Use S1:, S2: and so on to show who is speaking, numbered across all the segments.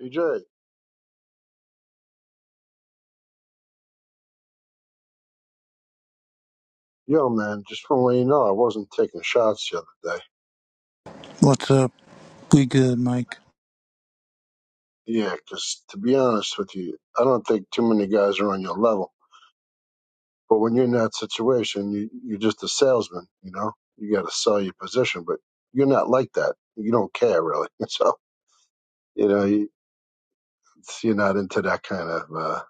S1: DJ, yo, man, just want to let you know I wasn't taking shots the other day.
S2: What's up? We good, Mike.
S1: Yeah, 'cause to be honest with you, I don't think too many guys are on your level. But when you're in that situation, you, you're just a salesman, you know? You got to sell your position, but you're not like that. You don't care, really. So, you know, you, you're not into that kind of, uh,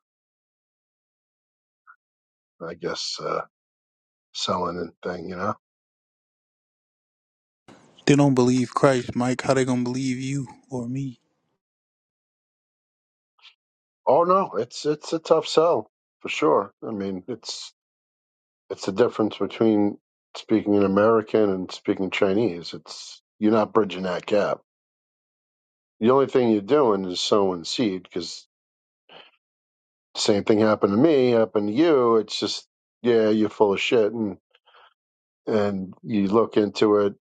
S1: I guess, uh, selling and thing, you know?
S2: They don't believe Christ, Mike. How they gonna believe you or me?
S1: Oh, no, it's it's a tough sell for sure. I mean, it's It's the difference between speaking an American and speaking Chinese. It's you're not bridging that gap. The only thing you're doing is sowing seed because the same thing happened to me, happened to you. It's just yeah, you're full of shit, and and you look into it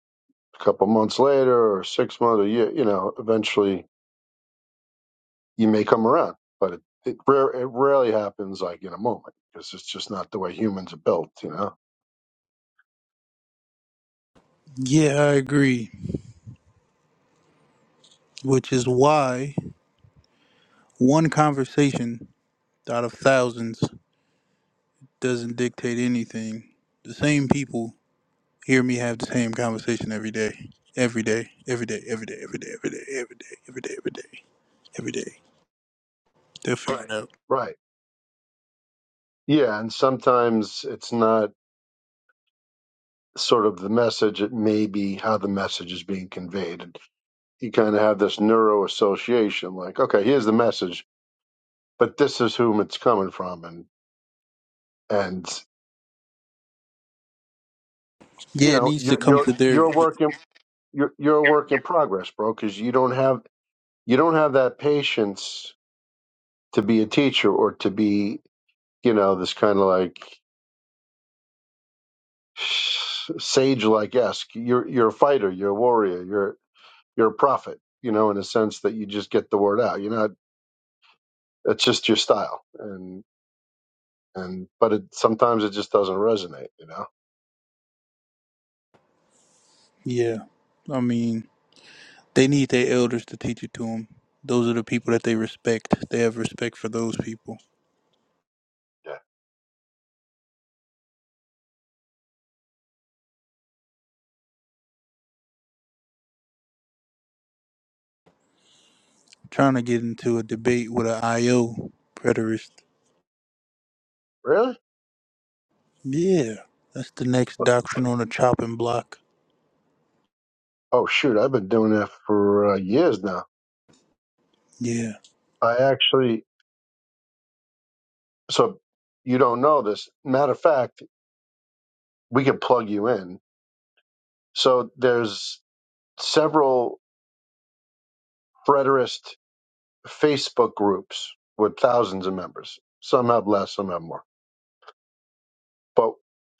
S1: a couple months later or six months or you you know eventually you may come around, but it it, rare, it rarely happens like in a moment because it's just not the way humans are built, you know.
S2: Yeah, I agree. Which is why one conversation out of thousands doesn't dictate anything. The same people hear me have the same conversation every day. Every day, every day, every day, every day, every day, every day, every day, every day, every day. They'll figure it out.
S1: Right. Yeah, and sometimes it's not sort of the message, it may be how the message is being conveyed. And you kind of have this neuro association, like, okay, here's the message, but this is whom it's coming from, and and
S2: Yeah,
S1: you
S2: it
S1: know,
S2: needs to
S1: you're
S2: come
S1: you're
S2: to
S1: you're
S2: their
S1: a work in you're you're a work in progress, bro, because you don't have you don't have that patience to be a teacher or to be you know this kind of like sage like esque. You're you're a fighter, you're a warrior, you're you're a prophet, you know, in a sense that you just get the word out. You're not It's just your style, and and but it sometimes it just doesn't resonate, you know.
S2: Yeah. I mean They need their elders to teach it to them. Those are the people that they respect. They have respect for those people.
S1: Yeah.
S2: Trying to get into a debate with a IO preterist.
S1: Really?
S2: Yeah, that's the next doctrine on the chopping block.
S1: Oh shoot, I've been doing that for uh, years now.
S2: Yeah.
S1: I actually, so you don't know this. Matter of fact, we can plug you in. So there's several Frederist Facebook groups with thousands of members. Some have less, some have more. But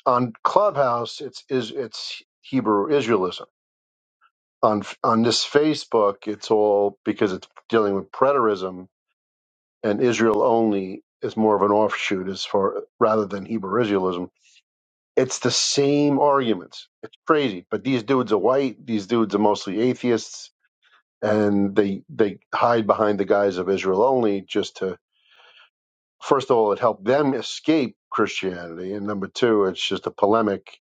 S1: on Clubhouse, it's is it's Hebrew Israelism. on on this Facebook, it's all because it's dealing with preterism and Israel only is more of an offshoot as far rather than Hebrew Israelism. It's the same arguments. It's crazy, but these dudes are white. These dudes are mostly atheists, and they they hide behind the guise of Israel only just to first of all it helped them escape Christianity, and number two, it's just a polemic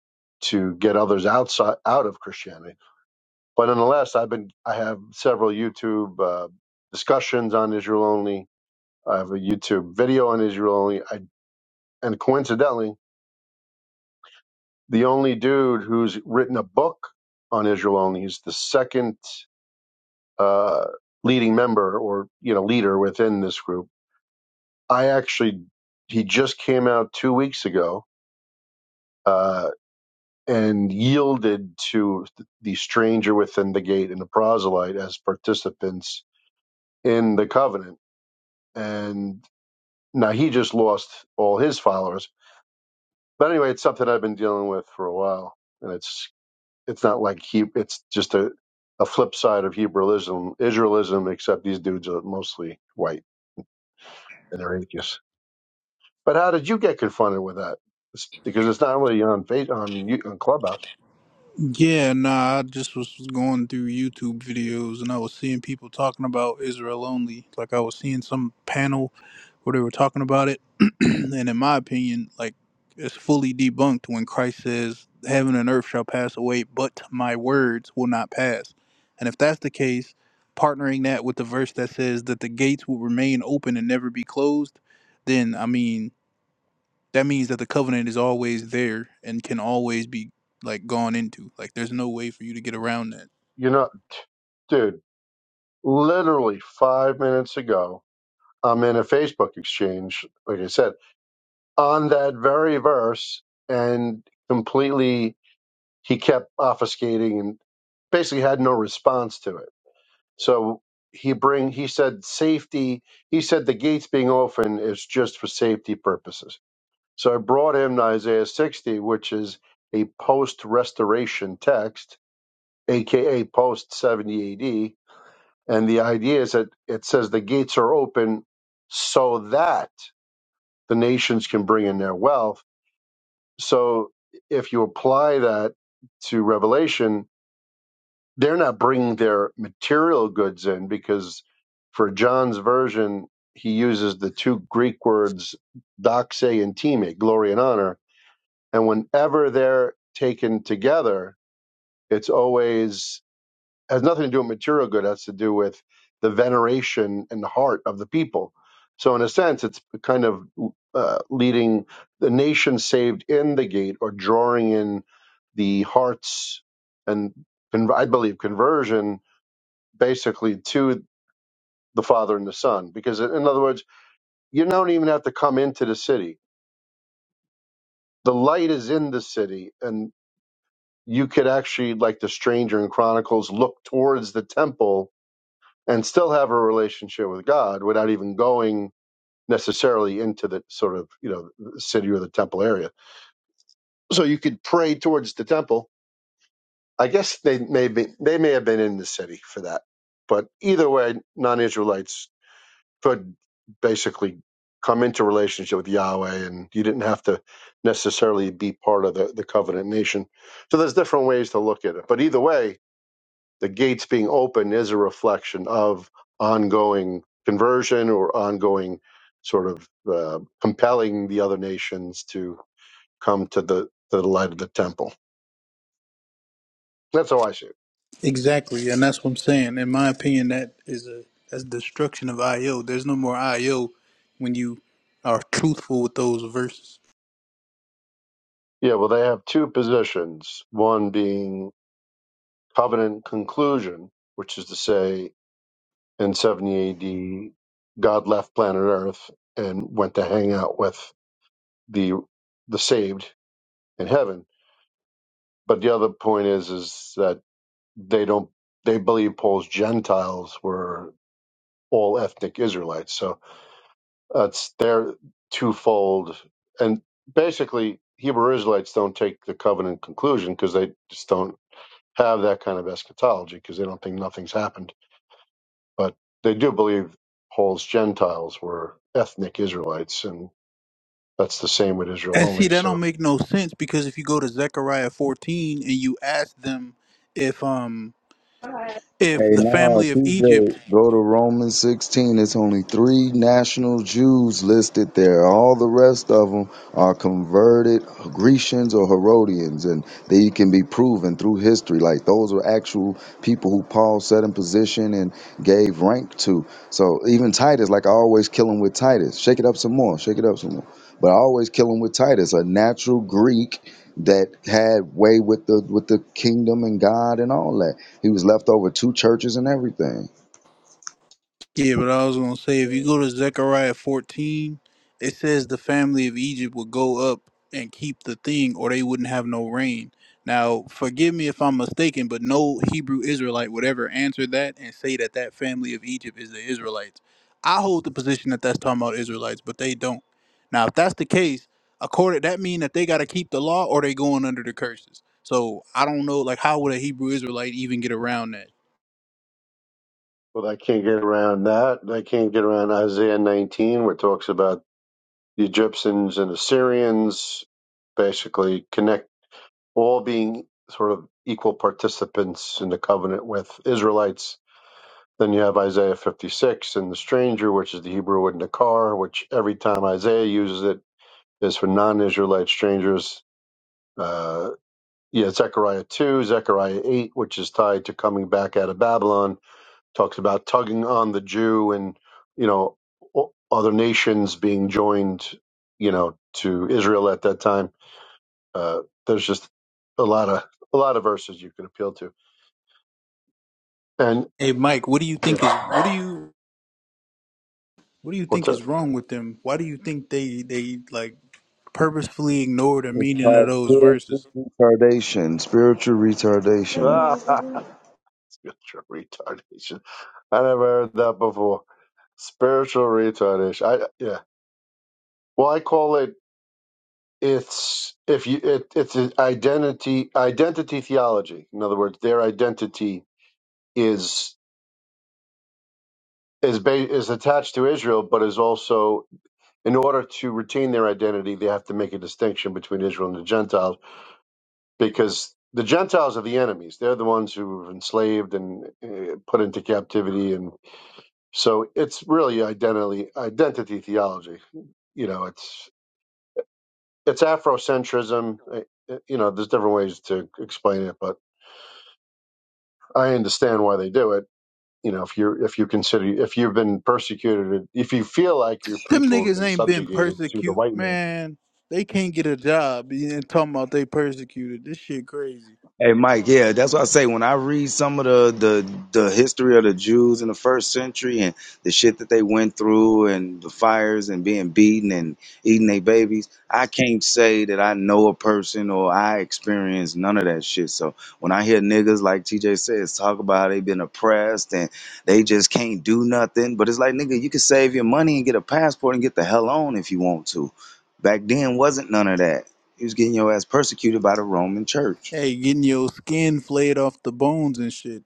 S1: to get others outside out of Christianity. But nonetheless, I've been I have several YouTube uh, discussions on Israel only. I have a YouTube video on Israel only. I, and coincidentally, the only dude who's written a book on Israel only is the second uh, leading member or you know leader within this group. I actually he just came out two weeks ago uh, and yielded to the stranger within the gate and the proselyte as participants in the covenant and Now he just lost all his followers. But anyway, it's something I've been dealing with for a while, and it's it's not like he. It's just a a flip side of Hebraism, Israelism, except these dudes are mostly white and they're atheists. But how did you get confronted with that? It's, because it's not really on Fa- on you- on Clubhouse.
S2: Yeah, nah, I just was going through YouTube videos and I was seeing people talking about Israel only. Like I was seeing some panel where they were talking about it, and in my opinion, like it's fully debunked when Christ says, "Heaven and earth shall pass away, but my words will not pass." And if that's the case, partnering that with the verse that says that the gates will remain open and never be closed, then I mean that means that the covenant is always there and can always be like gone into. Like there's no way for you to get around that.
S1: You're not, dude. Literally five minutes ago, I'm in a Facebook exchange, like I said, on that very verse, and completely he kept obfuscating and basically had no response to it. So he bring he said safety. He said the gates being open is just for safety purposes. So I brought him to Isaiah 60, which is a post restoration text, aka post 70 AD. And the idea is that it says the gates are open so that the nations can bring in their wealth. So if you apply that to Revelation, they're not bringing their material goods in because for John's version, he uses the two Greek words "doxa" and time, glory and honor. And whenever they're taken together, it's always has nothing to do with material good, it has to do with the veneration and the heart of the people. So, in a sense, it's kind of uh, leading the nation saved in the gate or drawing in the hearts and, and I believe, conversion basically to the Father and the Son. Because, in other words, you don't even have to come into the city. The light is in the city, and you could actually, like the stranger in Chronicles, look towards the temple and still have a relationship with God without even going necessarily into the sort of you know the city or the temple area. So you could pray towards the temple. I guess they may be, they may have been in the city for that, but either way, non-Israelites could basically come into relationship with Yahweh, and you didn't have to necessarily be part of the, the covenant nation. So there's different ways to look at it. But either way, the gates being open is a reflection of ongoing conversion or ongoing sort of uh, compelling the other nations to come to the, to the light of the temple. That's how I see it.
S2: Exactly, and that's what I'm saying. In my opinion, that is a that's destruction of IO. There's no more IO when you are truthful with those verses.
S1: Yeah, well, they have two positions one being covenant conclusion, which is to say in 70 AD, God left planet Earth and went to hang out with the the saved in heaven. But the other point is is that they don't they believe Paul's Gentiles were all ethnic Israelites. So that's their twofold and basically Hebrew Israelites don't take the covenant conclusion because they just don't have that kind of eschatology because they don't think nothing's happened But they do believe Paul's Gentiles were ethnic Israelites, and that's the same with Israel
S2: And see,
S1: only.
S2: that don't
S1: So,
S2: make no sense because if you go to Zechariah 14 and you ask them if um if
S3: Hey,
S2: the
S3: no,
S2: family of Egypt
S3: TJ, go to Romans 16. It's only three national Jews listed there. All the rest of them are converted Grecians or Herodians, and they can be proven through history. Like those are actual people who Paul set in position and gave rank to. So even Titus, like I always kill him with Titus. Shake it up some more. Shake it up some more. But I always kill him with Titus, a natural Greek that had way with the with the kingdom and God and all that. He was left over two churches and everything.
S2: Yeah, but I was gonna say if you go to Zechariah fourteen, it says the family of Egypt would go up and keep the thing, or they wouldn't have no rain. Now, forgive me if I'm mistaken, but no Hebrew Israelite would ever answer that and say that that family of Egypt is the Israelites. I hold the position that that's talking about Israelites, but they don't. Now, if that's the case, according that mean that they got to keep the law, or they going under the curses. So I don't know, like, how would a Hebrew Israelite even get around that?
S1: but I can't get around that. I can't get around Isaiah 19, where it talks about the Egyptians and Assyrians basically connect all being sort of equal participants in the covenant with Israelites. Then you have Isaiah 56 and the stranger, which is the Hebrew word Nakar, which every time Isaiah uses it is for non Israelite strangers. uh, yeah, Zechariah 2, Zechariah 8, which is tied to coming back out of Babylon, talks about tugging on the Jew and, you know, o- other nations being joined, you know, to Israel at that time. Uh, there's just a lot of a lot of verses you can appeal to. And
S2: Hey, Mike, what do you
S1: yeah,
S2: think is what do you What do you
S1: what's
S2: think
S1: up?
S2: is wrong with them? Why do you think they they like purposefully ignore the
S3: It's
S2: meaning of
S3: called
S2: those
S3: spiritual
S2: verses?
S3: retardation. Spiritual
S1: Ah,
S3: retardation.
S1: spiritual retardation. I never heard that before. Spiritual retardation. I yeah. Well, I call it it's if you it, it's an identity identity theology. In other words, their identity is is ba- is attached to Israel, but is also in order to retain their identity, they have to make a distinction between Israel and the Gentiles because the Gentiles are the enemies. They're the ones who were enslaved and uh, put into captivity, and so it's really identity identity theology. You know, it's it's Afrocentrism. uh, uh, You know, there's different ways to explain it, but I understand why they do it. You know, if you're if you consider if you've been persecuted, if you feel like your
S2: Them
S1: people has
S2: niggas
S1: been
S2: ain't been
S1: subjugated to the
S2: persecuted,
S1: white man,
S2: man. They can't get a job and talking about they persecuted. This shit crazy.
S3: Hey Mike, yeah, that's what I say. When I read some of the, the the history of the Jews in the first century and the shit that they went through and the fires and being beaten and eating their babies, I can't say that I know a person or I experienced none of that shit. So when I hear niggas like TJ says talk about how they been oppressed and they just can't do nothing, but it's like nigga, you can save your money and get a passport and get the hell on if you want to. Back then wasn't none of that. You was getting your ass persecuted by the Roman church.
S2: Hey, getting your skin flayed off the bones and shit.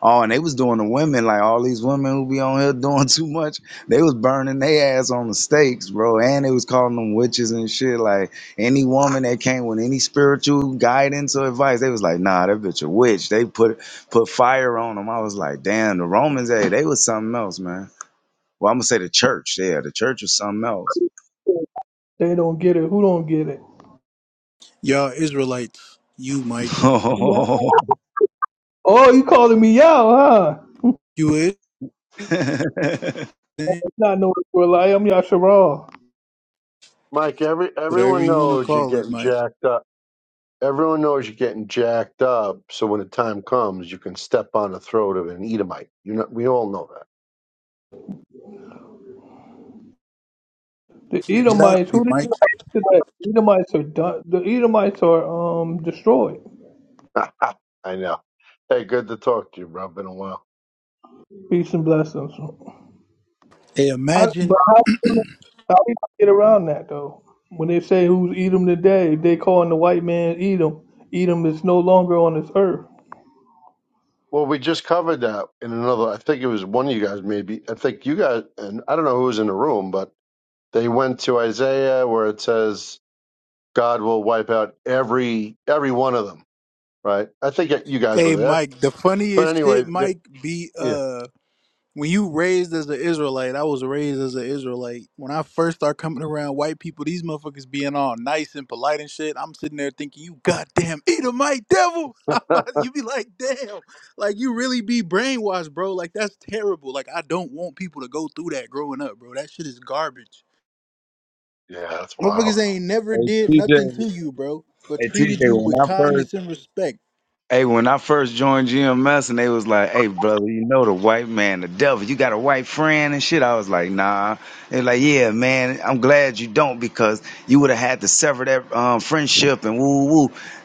S3: Oh, and they was doing the women like all these women who be on here doing too much. They was burning their ass on the stakes, bro. And they was calling them witches and shit. Like any woman that came with any spiritual guidance or advice, they was like, nah, that bitch a witch. They put put fire on them. I was like, damn, the Romans, hey, they was something else, man. Well, I'm gonna say the church. Yeah, the church was something else.
S4: They don't get it. Who don't get it?
S2: Y'all Israelites, you
S3: hey
S2: Mike,
S4: Yeah.
S3: TJ,
S4: Oh, you calling me out, huh?
S2: you is
S4: It's not no Israelite. I'm Yasharal.
S1: Mike. Every
S2: whatever
S1: everyone
S2: you want to
S1: knows you're
S2: call it,
S1: getting
S2: Mike.
S1: jacked up. Everyone knows you're getting jacked up. So when the time comes, you can step on the throat of an Edomite. You know, we all know
S4: The Edomites.
S2: Exactly,
S4: Who did you
S2: Mike.
S4: today? The Edomites are done. The Edomites are um destroyed.
S1: that. I know. Hey, good to talk to you, bro. Been a while.
S4: Peace and blessings. How,
S2: Hey, imagine,
S4: but how, how do you get around that though? When they say who's Edom today, they calling the white man Edom. Edom is no longer on this earth.
S1: Well, we just covered that in another. I think it was one of you guys, maybe. I think you guys, and I don't know who was in the room, but they went to Isaiah where it says God will wipe out every every one of them, right? I think you guys were
S2: hey
S1: there,
S2: Mike, the
S1: but
S2: funniest
S1: anyway,
S2: shit,
S1: th-
S2: Mike, be
S1: yeah,
S2: uh. When you raised as an Israelite, I was raised as an Israelite. When I first start coming around white people, these motherfuckers being all nice and polite and shit. I'm sitting there thinking, you goddamn Edomite devil. you be like, damn, like you really be brainwashed, bro. Like that's terrible. Like I don't want people to go through that growing up, bro. That shit is garbage.
S1: yeah, that's wild.
S2: Motherfuckers ain't never did nothing to you, bro, but
S3: hey TJ,
S2: treated you
S3: when
S2: with
S3: I first
S2: kindness and respect.
S3: Hey, when I first joined GMS and they was like, hey, brother, you know the white man, the devil, you got a white friend and shit. I was like, nah. They're like, yeah, man, I'm glad you don't because you would have had to sever that um, friendship and woo woo.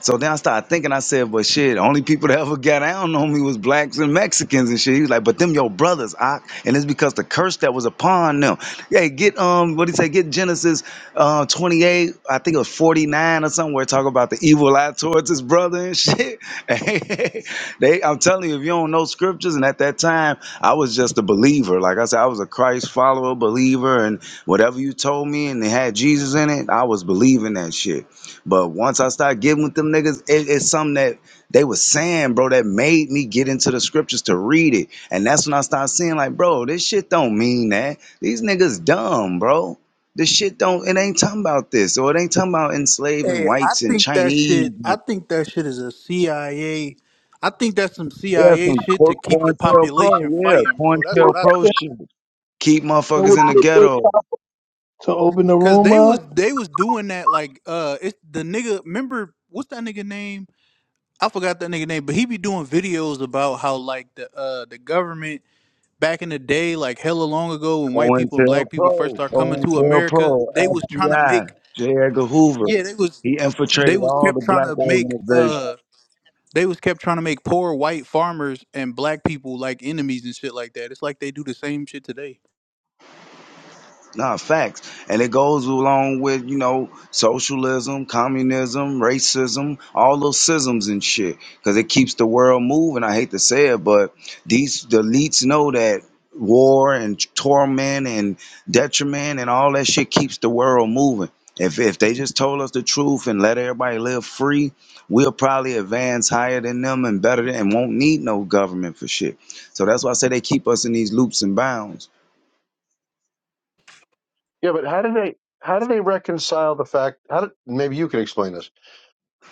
S3: So then I started thinking, I said, but shit, only people that ever got down on me was blacks and Mexicans and shit. He was like, but them your brothers, I, and it's because the curse that was upon them. Hey, get, um, what do you say, get Genesis uh, 28, I think it was 49 or somewhere, talk about the evil eye towards his brother and shit. they, I'm telling you, if you don't know scriptures, and at that time, I was just a believer. Like I said, I was a Christ follower, believer, and whatever you told me, and it had Jesus in it, I was believing that shit. But once I started getting with them niggas, it, it's something that they was saying, bro, that made me get into the scriptures to read it, and that's when I started seeing, like, bro, this shit don't mean that. These niggas dumb, bro. This shit don't. It ain't talking about this, or it ain't talking about enslaving
S2: Hey, I
S3: whites and
S2: think that
S3: Chinese.
S2: shit. I think that shit is a CIA. I A. I think that's some
S3: Yeah,
S2: CIA
S3: some
S2: shit to keep the
S3: Cointel
S2: population
S3: Pro. Yeah,
S2: fighting, bro. That's
S3: Cointelpro
S2: what I
S4: You
S2: think.
S3: shit. Keep
S4: know
S3: motherfuckers in the
S4: what?
S3: ghetto.
S4: To open the
S2: Cause
S4: room
S2: they was
S4: up.
S2: they was doing that like uh, it's the nigga. Remember what's that nigga name? I forgot that nigga name, but he be doing videos about how like the uh the government back in the day, like hella long ago, when white people and
S3: Cointelpro,
S2: black people first
S3: Cointelpro.
S2: start coming to
S3: Cointel
S2: America, they was trying to
S3: FBI.
S2: make
S3: J. Edgar Hoover.
S2: yeah, they was
S3: He
S2: they
S3: infiltrated
S2: was
S3: all
S2: kept
S3: the
S2: trying
S3: black
S2: to make
S3: organizations.
S2: uh They was kept trying to make poor white farmers and black people like enemies and shit like that. It's like they do the same shit today.
S3: Nah, facts. And it goes along with, you know, socialism, communism, racism, all those schisms and shit. Because it keeps the world moving. I hate to say it, but these the elites know that war and torment and detriment and all that shit keeps the world moving. If if they just told us the truth and let everybody live free, we'll probably advance higher than them and better than and won't need no government for shit. So that's why I say they keep us in these loops and bounds.
S1: Yeah, but how do they how do they reconcile the fact? How did maybe you can explain this?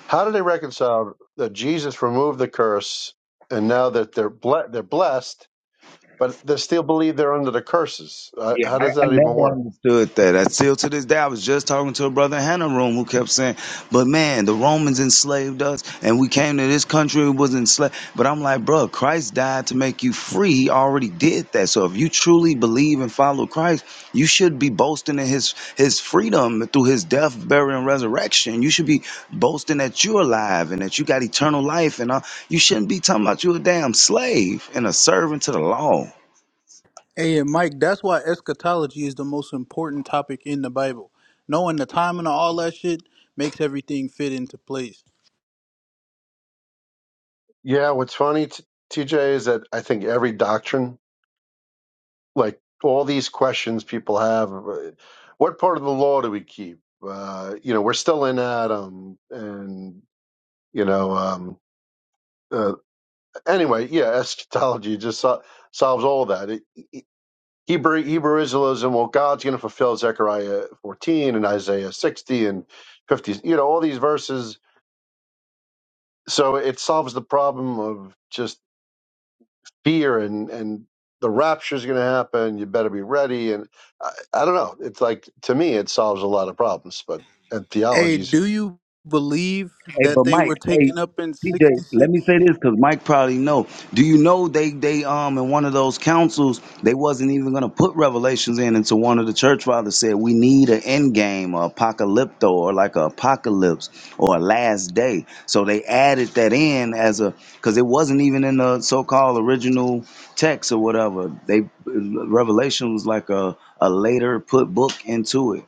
S1: How do they reconcile that Jesus removed the curse and now that they're ble- they're blessed, but they still believe they're under the curses? Uh,
S3: Yeah,
S1: how
S3: I,
S1: does
S3: I
S1: that even
S3: never
S1: work?
S3: understood that. I still to this day, I was just talking to a brother in Hannah Room who kept saying, "But man, the Romans enslaved us, and we came to this country and was enslaved." But I'm like, bro, Christ died to make you free. He already did that. So if you truly believe and follow Christ, you should be boasting in His His freedom through His death, burial, and resurrection. You should be boasting that you're alive and that you got eternal life, and uh, you shouldn't be talking about you a damn slave and a servant to the law.
S2: Hey, and Mike, that's why eschatology is the most important topic in the Bible. Knowing the timing of all that shit makes everything fit into place.
S1: Yeah, what's funny, t- TJ, is that I think every doctrine like all these questions people have uh, what part of the law do we keep uh you know we're still in adam and you know um uh, anyway yeah eschatology just so- solves all that it, it, hebrew hebrew israelism well god's going to fulfill zechariah 14 and isaiah 60 and 50 you know all these verses so it solves the problem of just fear and and the rapture is going to happen you better be ready and I, I don't know it's like to me it solves a lot of problems but and
S2: Hey,
S1: theologies
S2: do you believe
S3: Hey,
S2: that
S3: but
S2: they
S3: Mike,
S2: were
S3: hey,
S2: taken up in
S3: TJ, let me
S2: 66?
S3: say this because Mike probably know. Do you know they they um in one of those councils they wasn't even gonna put Revelations in until one of the church fathers said we need an end game, a apocalypto, or like a apocalypse or a last day. So they added that in as a because it wasn't even in the so-called original text or whatever. They Revelation was like a a later put book into it.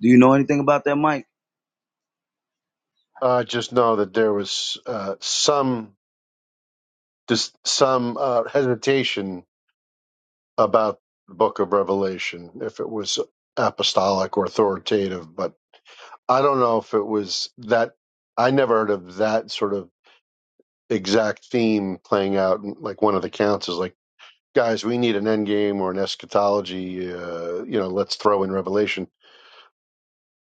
S3: Do you know anything about that, Mike?
S1: i just know that there was uh, some just some uh, hesitation about the book of revelation if it was apostolic or authoritative but i don't know if it was that i never heard of that sort of exact theme playing out in, like one of the counts is like guys, we need an end game or an eschatology. Uh, you know, let's throw in Revelation.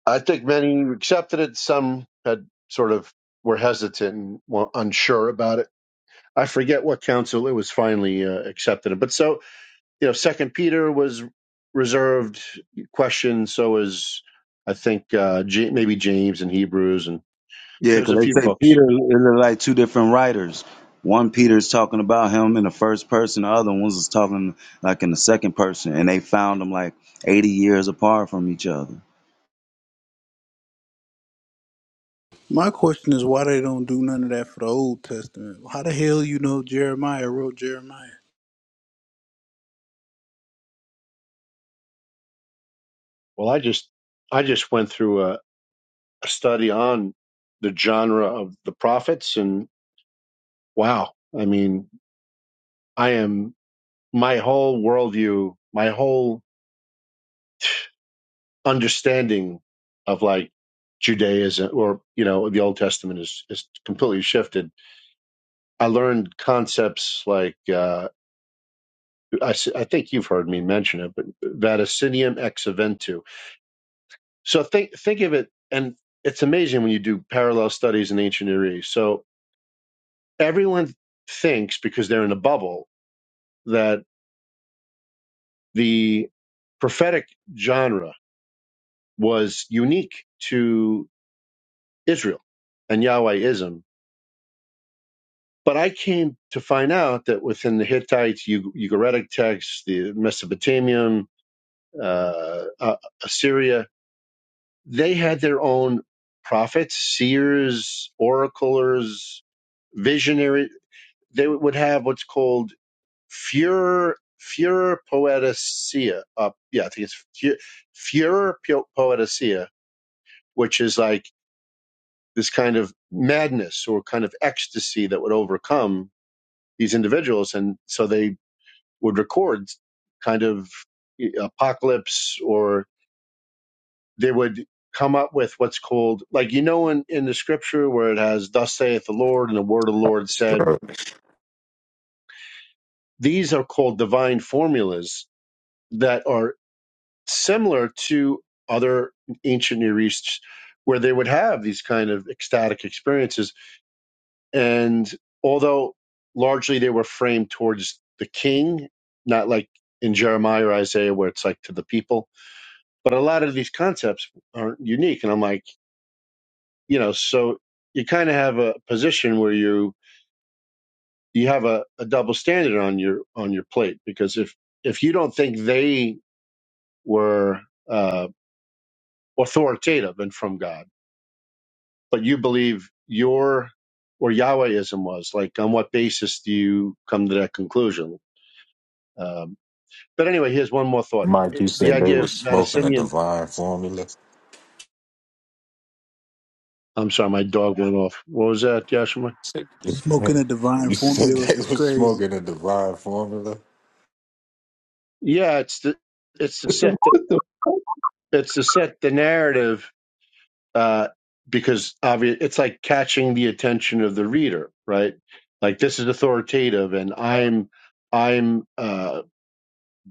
S1: I think many accepted it. Some had sort of were hesitant and were unsure about it. I forget what council it was finally uh, accepted. But so you know, Second Peter was reserved question. So is I think uh, J- maybe James and Hebrews, and
S3: Yeah,
S1: there's
S3: because
S1: a few
S3: they say
S1: books.
S3: Peter is like two different writers. One Peter's talking about him in the first person, the other one's is talking like in the second person, and they found them like 80 years apart from each other.
S2: My question is why they don't do none of that for the Old Testament. How the hell you know Jeremiah wrote Jeremiah?
S1: Well, I just I just went through a, a study on the genre of the prophets, and wow, I mean I am my whole worldview, my whole understanding of like Judaism or you know the Old Testament is is completely shifted. I learned concepts like uh, I, s- I think you've heard me mention it, but vaticinium ex eventu. So think think of it, and it's amazing when you do parallel studies in ancient Near East. So everyone thinks because they're in a bubble that the prophetic genre was unique to Israel and Yahwehism. But I came to find out that within the Hittites, Ug- Ugaritic texts, the Mesopotamian, uh, uh, Assyria, they had their own prophets, seers, oraclers, visionary. They would have what's called furor, furor poeticea. Uh, yeah, I think it's fu- furor po- poeticea, which is like this kind of madness or kind of ecstasy that would overcome these individuals. And so they would record kind of eh, apocalypse or they would come up with what's called, like, you know, in, in the scripture where it has, Thus saith the Lord, and the word of the Lord said,
S5: Sure.
S1: these are called divine formulas that are similar to other ancient Near East where they would have these kind of ecstatic experiences And although largely they were framed towards the king, not like in Jeremiah or Isaiah where it's like to the people, but a lot of these concepts aren't unique. And I'm like, you know, so you kind of have a position where you you have a, a double standard on your on your plate because if if you don't think they were uh, authoritative and from God, but you believe your or Yahwehism was like, on what basis do you come to that conclusion? Um, But anyway, here's one more thought.
S5: Mike,
S1: It-
S5: you
S1: The
S5: said they
S1: idea of
S5: was smoking a
S1: Vaticinium.
S5: divine formula.
S1: I'm sorry, my dog went off. What was that, Joshua?
S5: Said-
S2: Smoking a divine
S5: you said
S2: formula
S5: they
S2: is
S5: was
S2: crazy.
S5: smoking a divine formula.
S1: Yeah, it's the it's to set
S4: what
S1: the,
S4: the?
S1: it's to set the narrative uh, because obvious it's like catching the attention of the reader, right? Like this is authoritative, and I'm I'm uh,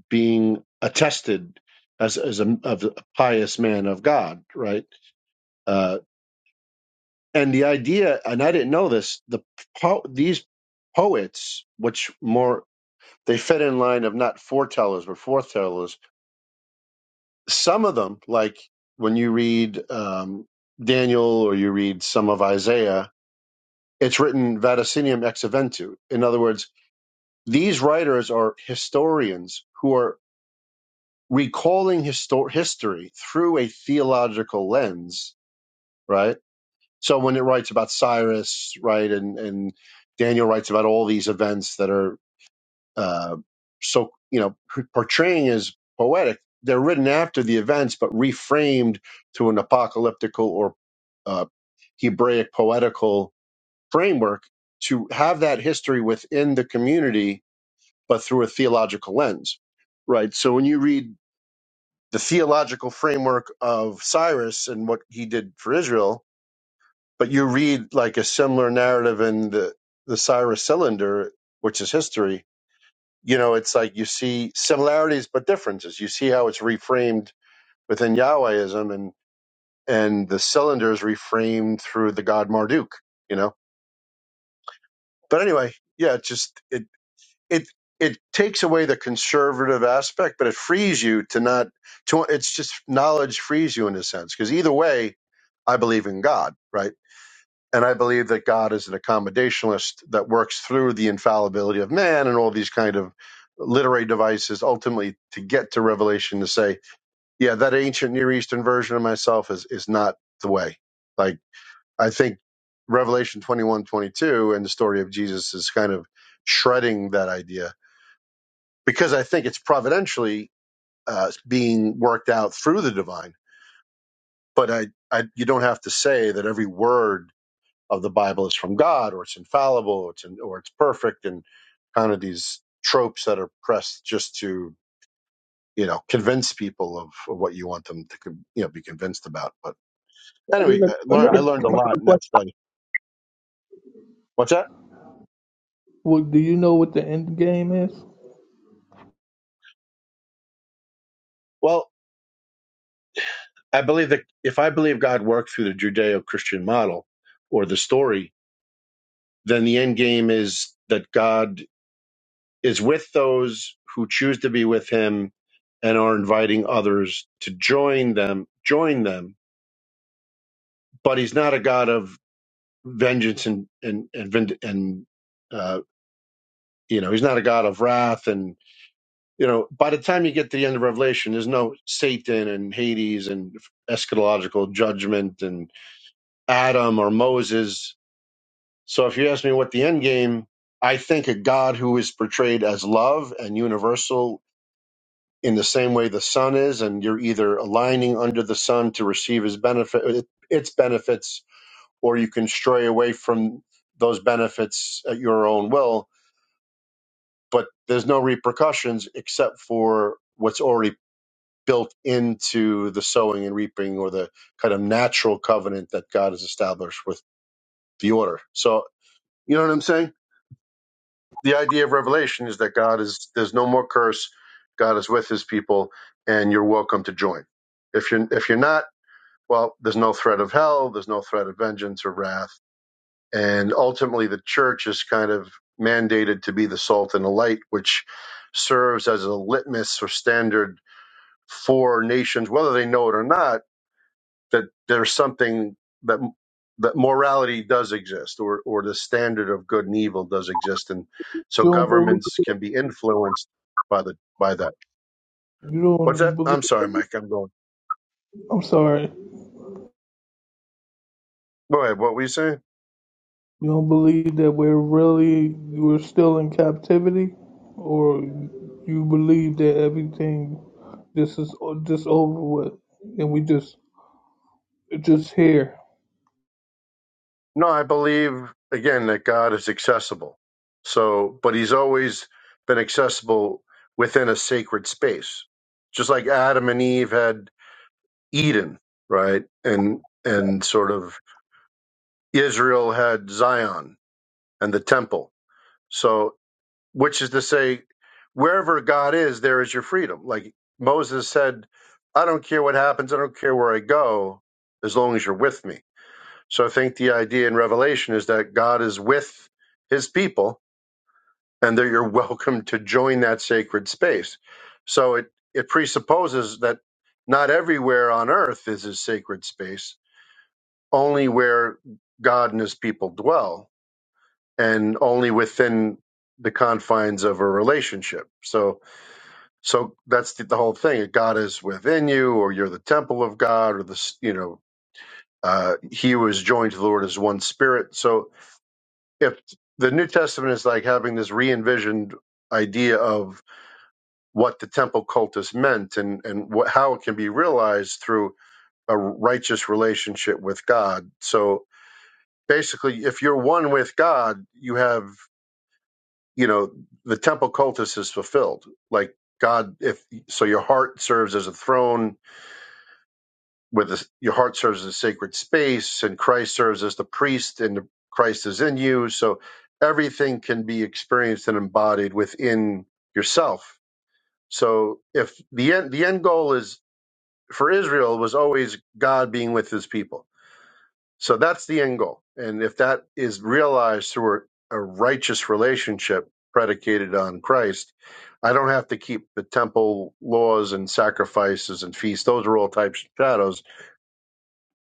S1: being attested as as a, of a pious man of God, right? Uh, and the idea, and I didn't know this. The po- these poets, which more they fed in line of not foretellers but foretellers. Some of them, like when you read um, Daniel or you read some of Isaiah, it's written vaticinium ex eventu. In other words, these writers are historians who are recalling histo- history through a theological lens, right? So when it writes about Cyrus, right, and and Daniel writes about all these events that are uh, so you know portraying as poetic they're written after the events but reframed to an apocalyptical or uh, hebraic poetical framework to have that history within the community but through a theological lens right so when you read the theological framework of cyrus and what he did for israel but you read like a similar narrative in the the cyrus cylinder which is history you know, it's like you see similarities but differences. You see how it's reframed within Yahwehism and and the cylinder is reframed through the god Marduk, you know. But anyway, yeah, it just it it it takes away the conservative aspect, but it frees you to not to it's just knowledge frees you in a sense because either way, I believe in God, right? And I believe that God is an accommodationalist that works through the infallibility of man and all these kind of literary devices ultimately to get to revelation to say, yeah, that ancient Near Eastern version of myself is, is not the way. Like, I think Revelation 21 22 and the story of Jesus is kind of shredding that idea because I think it's providentially uh, being worked out through the divine. But I, I, you don't have to say that every word of the Bible is from God or it's infallible or it's or it's perfect and kind of these tropes that are pressed just to you know convince people of, of what you want them to con- you know be convinced about. But anyway, I
S4: I
S1: learned
S4: got a I got
S1: I
S4: a
S1: learned a lot
S4: question.
S1: in that study. What's that?
S4: What do you know what the end game is?
S1: Well, I believe that if I believe God worked through the Judeo-Christian model or the story, then the end game is that God is with those who choose to be with Him and are inviting others to join them. Join them but he's not a god of vengeance and and and, vind- and uh, you know he's not a god of wrath and you know by the time you get to the end of revelation there's no satan and hades and eschatological judgment and adam or moses so if you ask me what the end game i think a god who is portrayed as love and universal in the same way the sun is and you're either aligning under the sun to receive his benefit its benefits or you can stray away from those benefits at your own will. But there's no repercussions except for what's already built into the sowing and reaping or the kind of natural covenant that God has established with the order. So, you know what I'm saying? The idea of revelation is that God is, there's no more curse. God is with his people and you're welcome to join. If you're, if you're not, well, there's no threat of hell. There's no threat of vengeance or wrath And ultimately, the church is kind of mandated to be the salt and the light, which serves as a litmus or standard for nations, whether they know it or not, that there's something that that morality does exist, or or the standard of good and evil does exist, and so
S4: You don't believe
S1: governments
S4: it.
S1: can be influenced by the by that.
S4: you
S1: What's
S4: don't
S1: that?
S4: believe
S1: I'm sorry, Mike. I'm going.
S4: I'm sorry.
S1: Go ahead. What were you saying?
S4: You don't believe that we're really we're still in captivity or you believe that everything this is o- just over with and we just just here.
S1: No, I believe again that God is accessible. So, but he's always been accessible within a sacred space. Just like Adam and Eve had Eden, right? And and sort of Israel had Zion and the temple. So, which is to say wherever God is, there is your freedom. Like Moses said, I don't care what happens, I don't care where I go as long as you're with me so I think the idea in Revelation is that God is with his people and that you're welcome to join that sacred space. So it, it presupposes that not everywhere on earth is a sacred space, only where God and his people dwell and only within the confines of a relationship. So so that's the, the whole thing. God is within you or you're the temple of God or the you know uh, he who is joined to the Lord is one spirit. So if the New Testament is like having this re-envisioned idea of what the temple cultus meant and and what, how it can be realized through a righteous relationship with God. So basically, if you're one with God, you have you know the temple cultus is fulfilled. Like God, if so, your heart serves as a throne with this, your heart serves as a sacred space and Christ serves as the priest and Christ is in you. So everything can be experienced and embodied within yourself. So if the end, the end goal is for Israel was always God being with his people. So that's the end goal. And if that is realized through a, a righteous relationship predicated on Christ, I don't have to keep the temple laws and sacrifices and feasts. Those are all types of shadows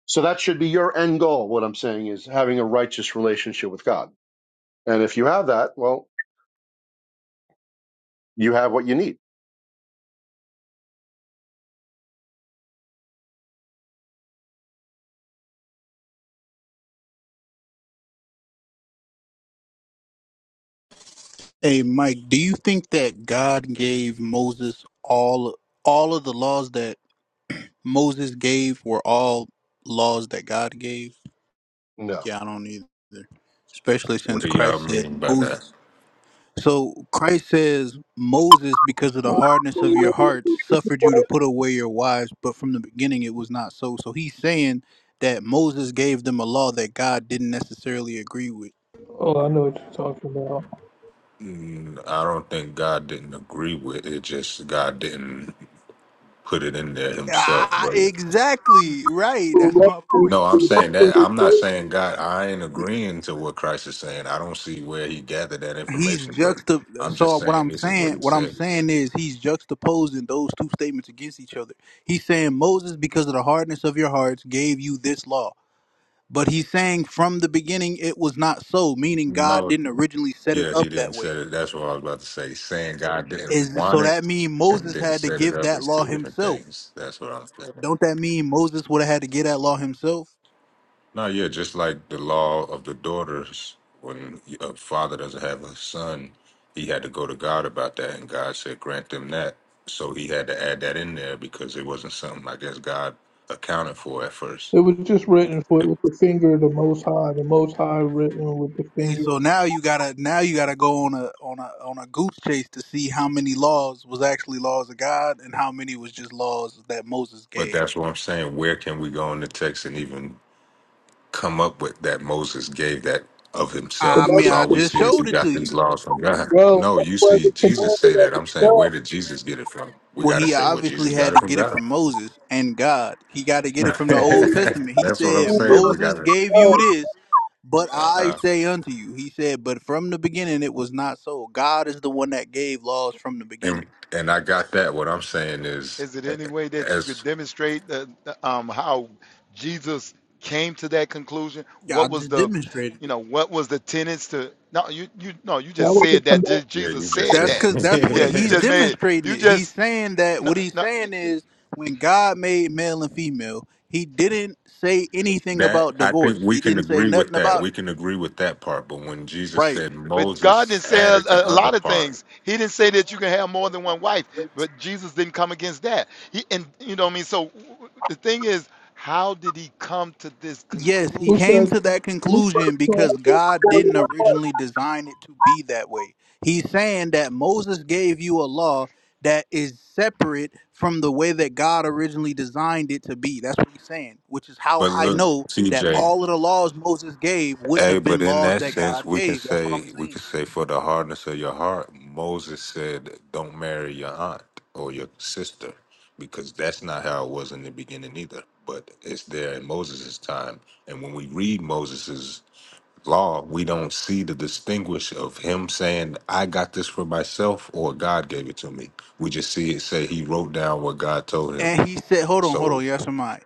S1: so that should be your end goal. What I'm saying is having a righteous relationship with God. And if you have that, well, you have what you need.
S2: Hey Mike, do you think that God gave Moses all all of the laws that Moses gave were all laws that God gave?
S1: No.
S2: Yeah, I don't either. Especially
S5: What
S2: since
S5: do y'all
S2: Christ said
S5: mean by that?
S2: Moses. So Christ says Moses, because of the hardness of your hearts, suffered you to put away your wives, but from the beginning it was not so. So he's saying that Moses gave them a law that God didn't necessarily agree with.
S4: Oh, I know what you're talking about.
S5: Mm, I don't think God didn't agree with it. Just God didn't put it in there Himself.
S2: Ah,
S5: But
S2: exactly. Right. That's my point.
S5: no, I'm
S2: So
S5: saying that I'm not saying God. I ain't agreeing to what Christ is saying. I don't see where He gathered that
S2: he's
S5: information. But
S2: juxta
S5: I'm
S2: so
S5: just
S2: what
S5: saying
S2: i'm
S5: this is what
S2: saying
S5: He
S2: what i'm
S5: said.
S2: saying is he's juxtaposing those two statements against each other he's saying moses because of the hardness of your hearts gave you this law but he's saying from the beginning it was not so meaning god
S5: No,
S2: didn't originally set it
S5: Yeah,
S2: up
S5: he
S2: that
S5: didn't set
S2: way
S5: it. That's what I was about to say. Saying God didn't
S2: is
S5: want
S2: so
S5: it
S2: that mean
S5: and
S2: moses
S5: didn't
S2: had to
S5: set it
S2: give
S5: up
S2: that
S5: is
S2: law
S5: two different
S2: himself
S5: things. That's what I'm saying.
S2: don't that mean moses would have had to get that law himself
S5: No, yeah, just like the law of the daughters, when a father doesn't have a son, he had to go to God about that, and God said, grant them that. So he had to add that in there because it wasn't something I guess God accounted for at first.
S4: It was just written for
S5: It-
S4: with the finger of the Most High. The Most High written with the
S2: Hey,
S4: finger.
S2: so now you gotta now you gotta go on a on a on a goose chase to see how many laws was actually laws of God and how many was just laws that Moses
S5: But
S2: gave.
S5: that's what I'm saying. Where can we go in the text and even come up with that Moses gave that of
S4: But
S2: I
S5: himself
S4: that
S2: mean,
S5: because
S4: was
S2: I
S5: all we
S2: just
S5: see is he
S2: showed it to
S5: got these
S2: you.
S5: laws from God.
S4: Bro,
S5: No,
S4: that
S5: you
S4: was
S5: see
S4: the
S5: Jesus say
S4: commander of
S5: that.
S4: the
S5: I'm saying,
S4: show.
S5: where did Jesus get it from? We
S2: Well,
S5: got to
S2: he
S5: say, well,
S2: obviously
S5: Jesus got
S2: had
S5: it
S2: to
S5: from
S2: get it
S5: God.
S2: from Moses and God. He got to get it from the Old
S4: buddy.
S2: Testament. He
S5: That's what I'm
S2: said,
S4: Who would
S5: saying. We got
S2: "Moses
S5: to,
S2: gave
S4: know?
S2: you this, but I
S5: uh,
S2: say unto you." He said, "But from the beginning it was not so. God is the one that gave laws from the
S5: and
S2: beginning."
S5: and I got that. What I'm saying is,
S6: Is it any way that you could
S5: as
S6: demonstrate the, the, um, how Jesus came to that conclusion?
S2: Yeah, I
S6: What was
S2: just
S6: the,
S2: demonstrated.
S6: you know, what was the tenets to? No, you you no, you
S4: That
S6: just
S4: was the
S6: said that
S4: command.
S6: Je-
S5: yeah,
S6: Jesus
S5: you just
S6: said
S5: said
S2: That's
S6: that.
S2: because that's what
S6: Yeah, you
S2: he's
S6: just made
S2: demonstrating.
S6: you
S2: It. He's
S6: just
S2: saying that
S6: no,
S2: what he's
S6: no it-
S2: saying is when God made male and female, he didn't say anything
S5: that.
S2: about
S5: I think
S2: divorce.
S5: we
S2: He
S5: can
S2: didn't say
S5: agree with
S2: nothing
S5: that.
S6: so.
S2: about
S5: We
S2: it.
S5: can agree with that part. But when Jesus
S2: Right.
S5: said
S6: But God
S5: Moses
S6: didn't say a,
S5: added the
S6: a
S5: other
S6: lot of
S5: part,
S6: things. He didn't say that you can have more than one wife. But Jesus didn't come against that. He and you know what I mean. So w- w- the thing is, how did he come to this
S2: Yes, he
S4: Who
S6: conclusion?
S2: came
S4: said,
S2: to that
S4: who said,
S2: conclusion
S4: the
S2: because
S4: command
S2: God
S4: of
S2: didn't
S4: the show?
S2: originally design it to be that way. He's saying that Moses gave you a law that is separate from the way that God originally designed it to be. That's what he's saying, which is how
S5: but
S2: I
S5: look,
S2: know that
S5: TJ.
S2: all of the laws Moses gave wouldn't
S5: Hey,
S2: have
S5: but
S2: been
S5: in
S2: laws
S5: that
S2: that
S5: sense,
S2: God
S5: we can
S2: gave. That's what I'm
S5: say we
S2: saying.
S5: can say for the hardness of your heart, Moses said, "Don't marry your aunt or your sister," because that's not how it was in the beginning either. But it's there in Moses' time, and when we read Moses' law, we don't see the distinguish of him saying, "I got this for myself" or "God gave it to me." We just see it say he wrote down what God told him.
S2: And he said, hold on, hold
S5: So,
S2: on, yes or my.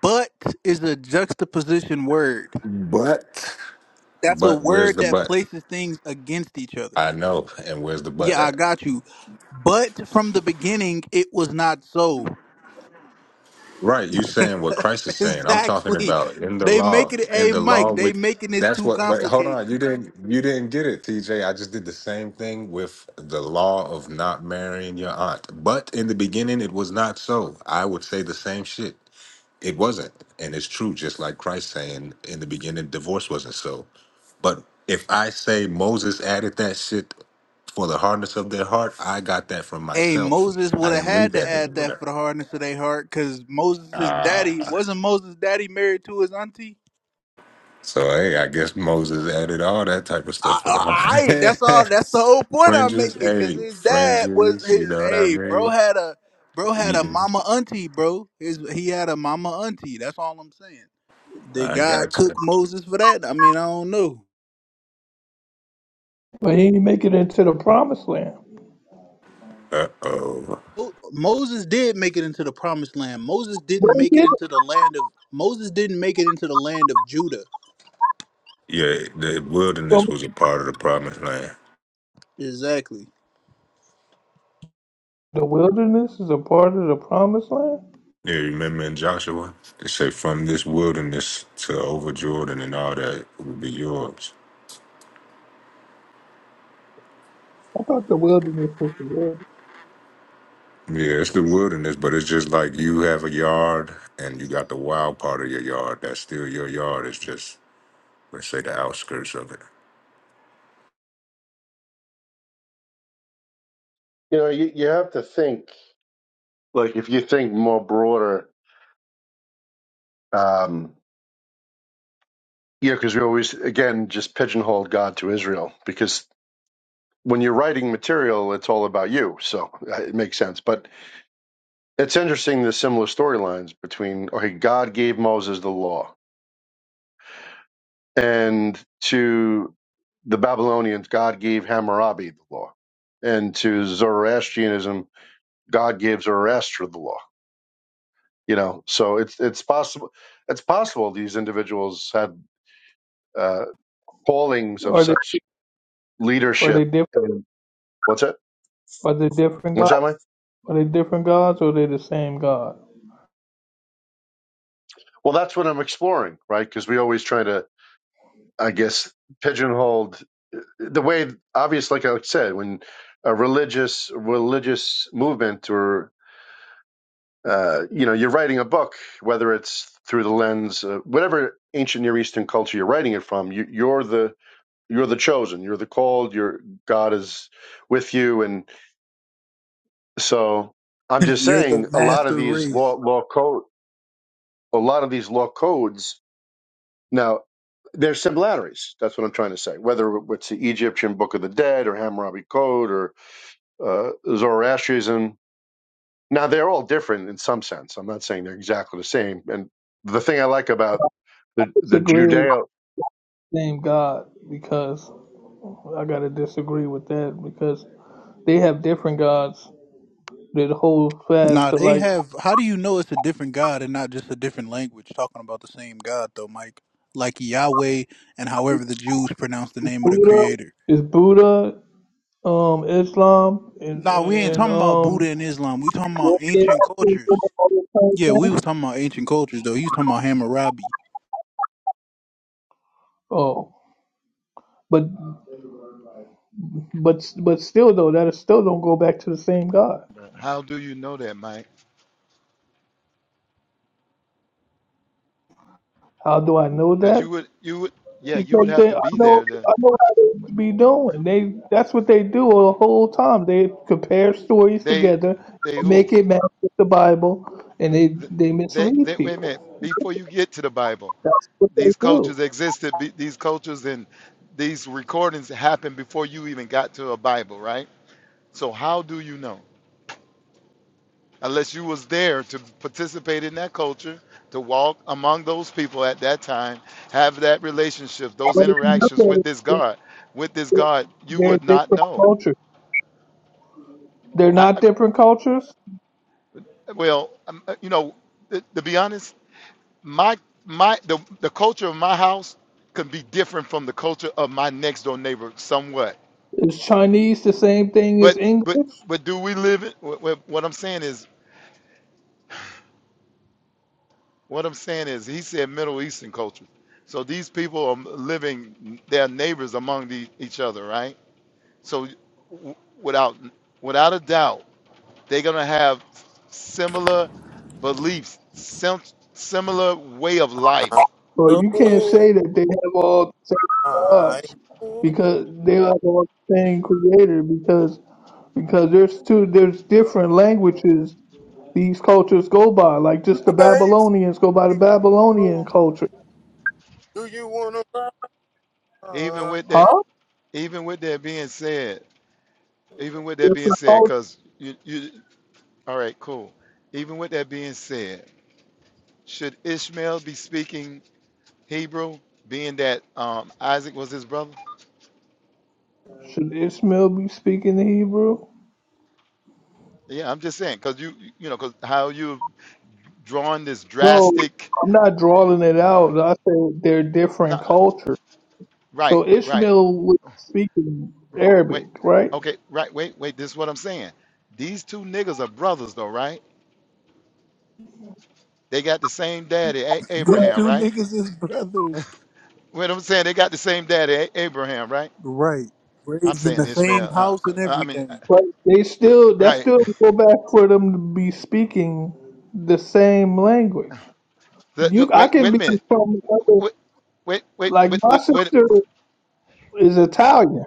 S2: But is a juxtaposition word.
S5: but,
S2: That's a
S5: but where's
S2: word
S5: the
S2: that
S5: but?
S2: places things against each other.
S5: I know, and where's the but
S2: Yeah, I
S5: at?
S2: got you. But from the beginning, it was not so.
S5: Right, you saying what Christ is saying. I'm talking
S2: exactly.
S5: about in the
S2: They
S5: law.
S2: make it.
S5: In
S2: Hey,
S5: the law,
S2: Mike. They
S5: we
S2: making it
S5: that's
S2: too
S5: what but hold on,
S2: complicated.
S5: you didn't you didn't get it, TJ. I just did the same thing with the law of not marrying your aunt. But in the beginning it was not so. I would say the same shit. It wasn't. And it's true, just like Christ saying in the beginning divorce wasn't so. But if I say Moses added that shit for the hardness of their heart, I got that from
S2: Hey,
S5: myself.
S2: Moses
S5: I
S2: would have
S5: didn't read
S2: had to
S5: that
S2: add that
S5: anywhere.
S2: for the hardness of their heart, because Moses' daddy wasn't Moses' daddy married to his auntie.
S5: So hey, I guess Moses added all that type of stuff
S2: I,
S5: for the
S2: I, I-
S5: holiday.
S2: that's all. That's the whole point I'm
S5: fringes,
S2: making, because
S5: hey,
S2: his dad was.
S5: fringes. You
S2: His,
S5: know what I
S2: hey, bro
S5: mean?
S2: had a bro had a
S5: Eating.
S2: mama auntie, bro. His he had a mama auntie. That's all I'm saying. Did
S5: I
S2: God
S5: gotcha.
S2: cook Moses for that? I mean, I don't know.
S4: but he didn't make it into the promised land.
S5: Uh oh.
S2: Mo- Moses did make it into the promised land. Moses
S4: Where
S2: didn't
S4: he
S2: make
S4: get
S2: it
S4: it
S2: into the land of Moses didn't make it into the land of Judah.
S5: Yeah, the
S4: from?
S5: wilderness was a part of the promised land.
S2: Exactly.
S4: The wilderness is a part of the promised land?
S5: Yeah, you remember in Joshua, they say from this wilderness to over Jordan and all that will be yours.
S4: I thought the wilderness was the wilderness.
S5: Yeah, it's the wilderness, but it's just like you have a yard and you got the wild part of your yard. That's still your yard. It's just, let's say, the outskirts of it.
S1: You know, you, you have to think, like, if you think more broader, um, yeah, because we always, again, just pigeonholed God to Israel because when you're writing material, it's all about you. So uh, it makes sense. But it's interesting the similar storylines between, okay, God gave Moses the law And to the Babylonians, God gave Hammurabi the law. And to Zoroastrianism, God gave Zoroaster the law. You know, so it's it's possible it's possible these individuals had uh, callings of
S4: Are
S1: such
S4: they, are they
S1: leadership.
S4: different?
S1: And what's that?
S4: Are they different gods?
S1: What's that, Mike?
S4: Are they different gods or are they the same God?
S1: Well, that's what I'm exploring, right? Because we always try to, I guess, pigeonhole the way. Obvious, like I said, when a religious religious movement or uh, you know, you're writing a book, whether it's through the lens, uh, whatever ancient Near Eastern culture you're writing it from, you, you're the you're the chosen, you're the called, your God is with you, and so I'm just
S2: You're the
S1: saying, a lot of
S2: master
S1: these law
S2: race.
S1: law code, a lot of these law codes now. There's similarities. That's what I'm trying to say. Whether it's the Egyptian Book of the Dead or Hammurabi Code or uh, Zoroastrianism, Now they're all different in some sense. I'm not saying they're exactly the same. And the thing I like about the
S4: It's
S1: the
S4: a great
S1: Judeo,
S4: same God because I gotta disagree with that because they have different gods that hold fast
S2: Nah,
S4: to
S2: they
S4: like
S2: have how do you know it's a different God and not just a different language talking about the same God though, Mike? Like Yahweh and however the Jews pronounce the name of the
S4: Buddha
S2: creator.
S4: is Buddha, um, Islam, and
S2: Nah, we ain't
S4: and
S2: talking about Buddha
S4: um.
S2: and Islam. We talking about ancient cultures. Yeah, we was talking about ancient cultures though. He was talking about Hammurabi.
S4: Oh, but but but still though, that is still don't go back to the same God.
S6: How do you know that, Mike?
S4: How do I know
S6: because
S4: that?
S6: you would you would yeah you would
S4: Because
S6: have
S4: they,
S6: to
S4: I
S6: be
S4: know,
S6: there to
S4: I know how they be doing. They that's what they do the whole time. They compare stories
S6: they
S4: together,
S6: they who
S4: make it match with the Bible, and they
S6: Th-
S4: they
S6: they,
S4: mislead
S6: they wait a minute
S4: people.
S6: before you get to the Bible
S4: That's what they
S6: these
S4: do.
S6: cultures existed be- these cultures and these recordings happened before you even got to a Bible right so how do you know unless you was there to participate in that culture to walk among those people at that time have that relationship those
S4: But if you look
S6: interactions
S4: at
S6: with this
S4: it,
S6: God with this God you
S4: They're
S6: would not
S4: different
S6: know
S4: cultures. They're not different cultures.
S6: Well, um, uh, you know, to, to be honest, my my the the culture of my house can be different from the culture of my next door neighbor somewhat.
S4: Is Chinese the same thing as
S6: But but
S4: English?
S6: but do we live in? wh- wh- What I'm saying is, what I'm saying is, he said Middle Eastern culture. So these people are living their neighbors among the, each other, right? So w- without without a doubt, they're gonna have similar beliefs, sim- similar way of
S7: No,
S6: life
S4: Well, you can't say that they have all the same
S7: I
S4: gods because they have all the same creator because because there's two there's different languages these cultures go by. Like just the
S7: always
S4: Babylonians go by the Babylonian
S7: know.
S4: culture.
S7: Do you wanna
S6: even
S7: ride?
S6: with that
S4: Huh?
S6: Even with that being said, even with that being
S4: Different
S6: said,
S4: culture.
S6: because you, you, all right, cool. Even with that being said, should Ishmael be speaking Hebrew, being that um, Isaac was his brother?
S4: Should Ishmael be speaking the Hebrew?
S6: Yeah, I'm just saying, because you, you know, because how you've drawn this
S4: No,
S6: drastic,
S4: I'm not drawing it out. I said they're
S6: no,
S4: different cultures.
S6: right,
S4: So
S6: right,
S4: Ishmael was speaking
S6: wait,
S4: Arabic, right?
S6: okay, right, wait, wait. This is what I'm saying. These two niggas are brothers, though, right? They got the same daddy, A-
S2: Them
S6: Abraham,
S2: two
S6: right?
S2: niggas is brothers.
S6: What I'm saying, they got the same daddy, A- Abraham, right?
S2: Right.
S6: I'm
S2: Raised in
S6: saying
S2: the
S6: Ishmael.
S2: same
S6: Uh,
S2: house
S6: uh,
S2: and
S6: I mean, uh,
S2: everything.
S4: But they still that
S6: right.
S4: still go back for them to be speaking the same language.
S6: The, the,
S4: You, I
S6: wait,
S4: can
S6: wait a
S4: be
S6: minute.
S4: from another.
S6: Wait, wait, wait,
S4: Like
S6: wait,
S4: my
S6: wait, wait.
S4: sister is Italian,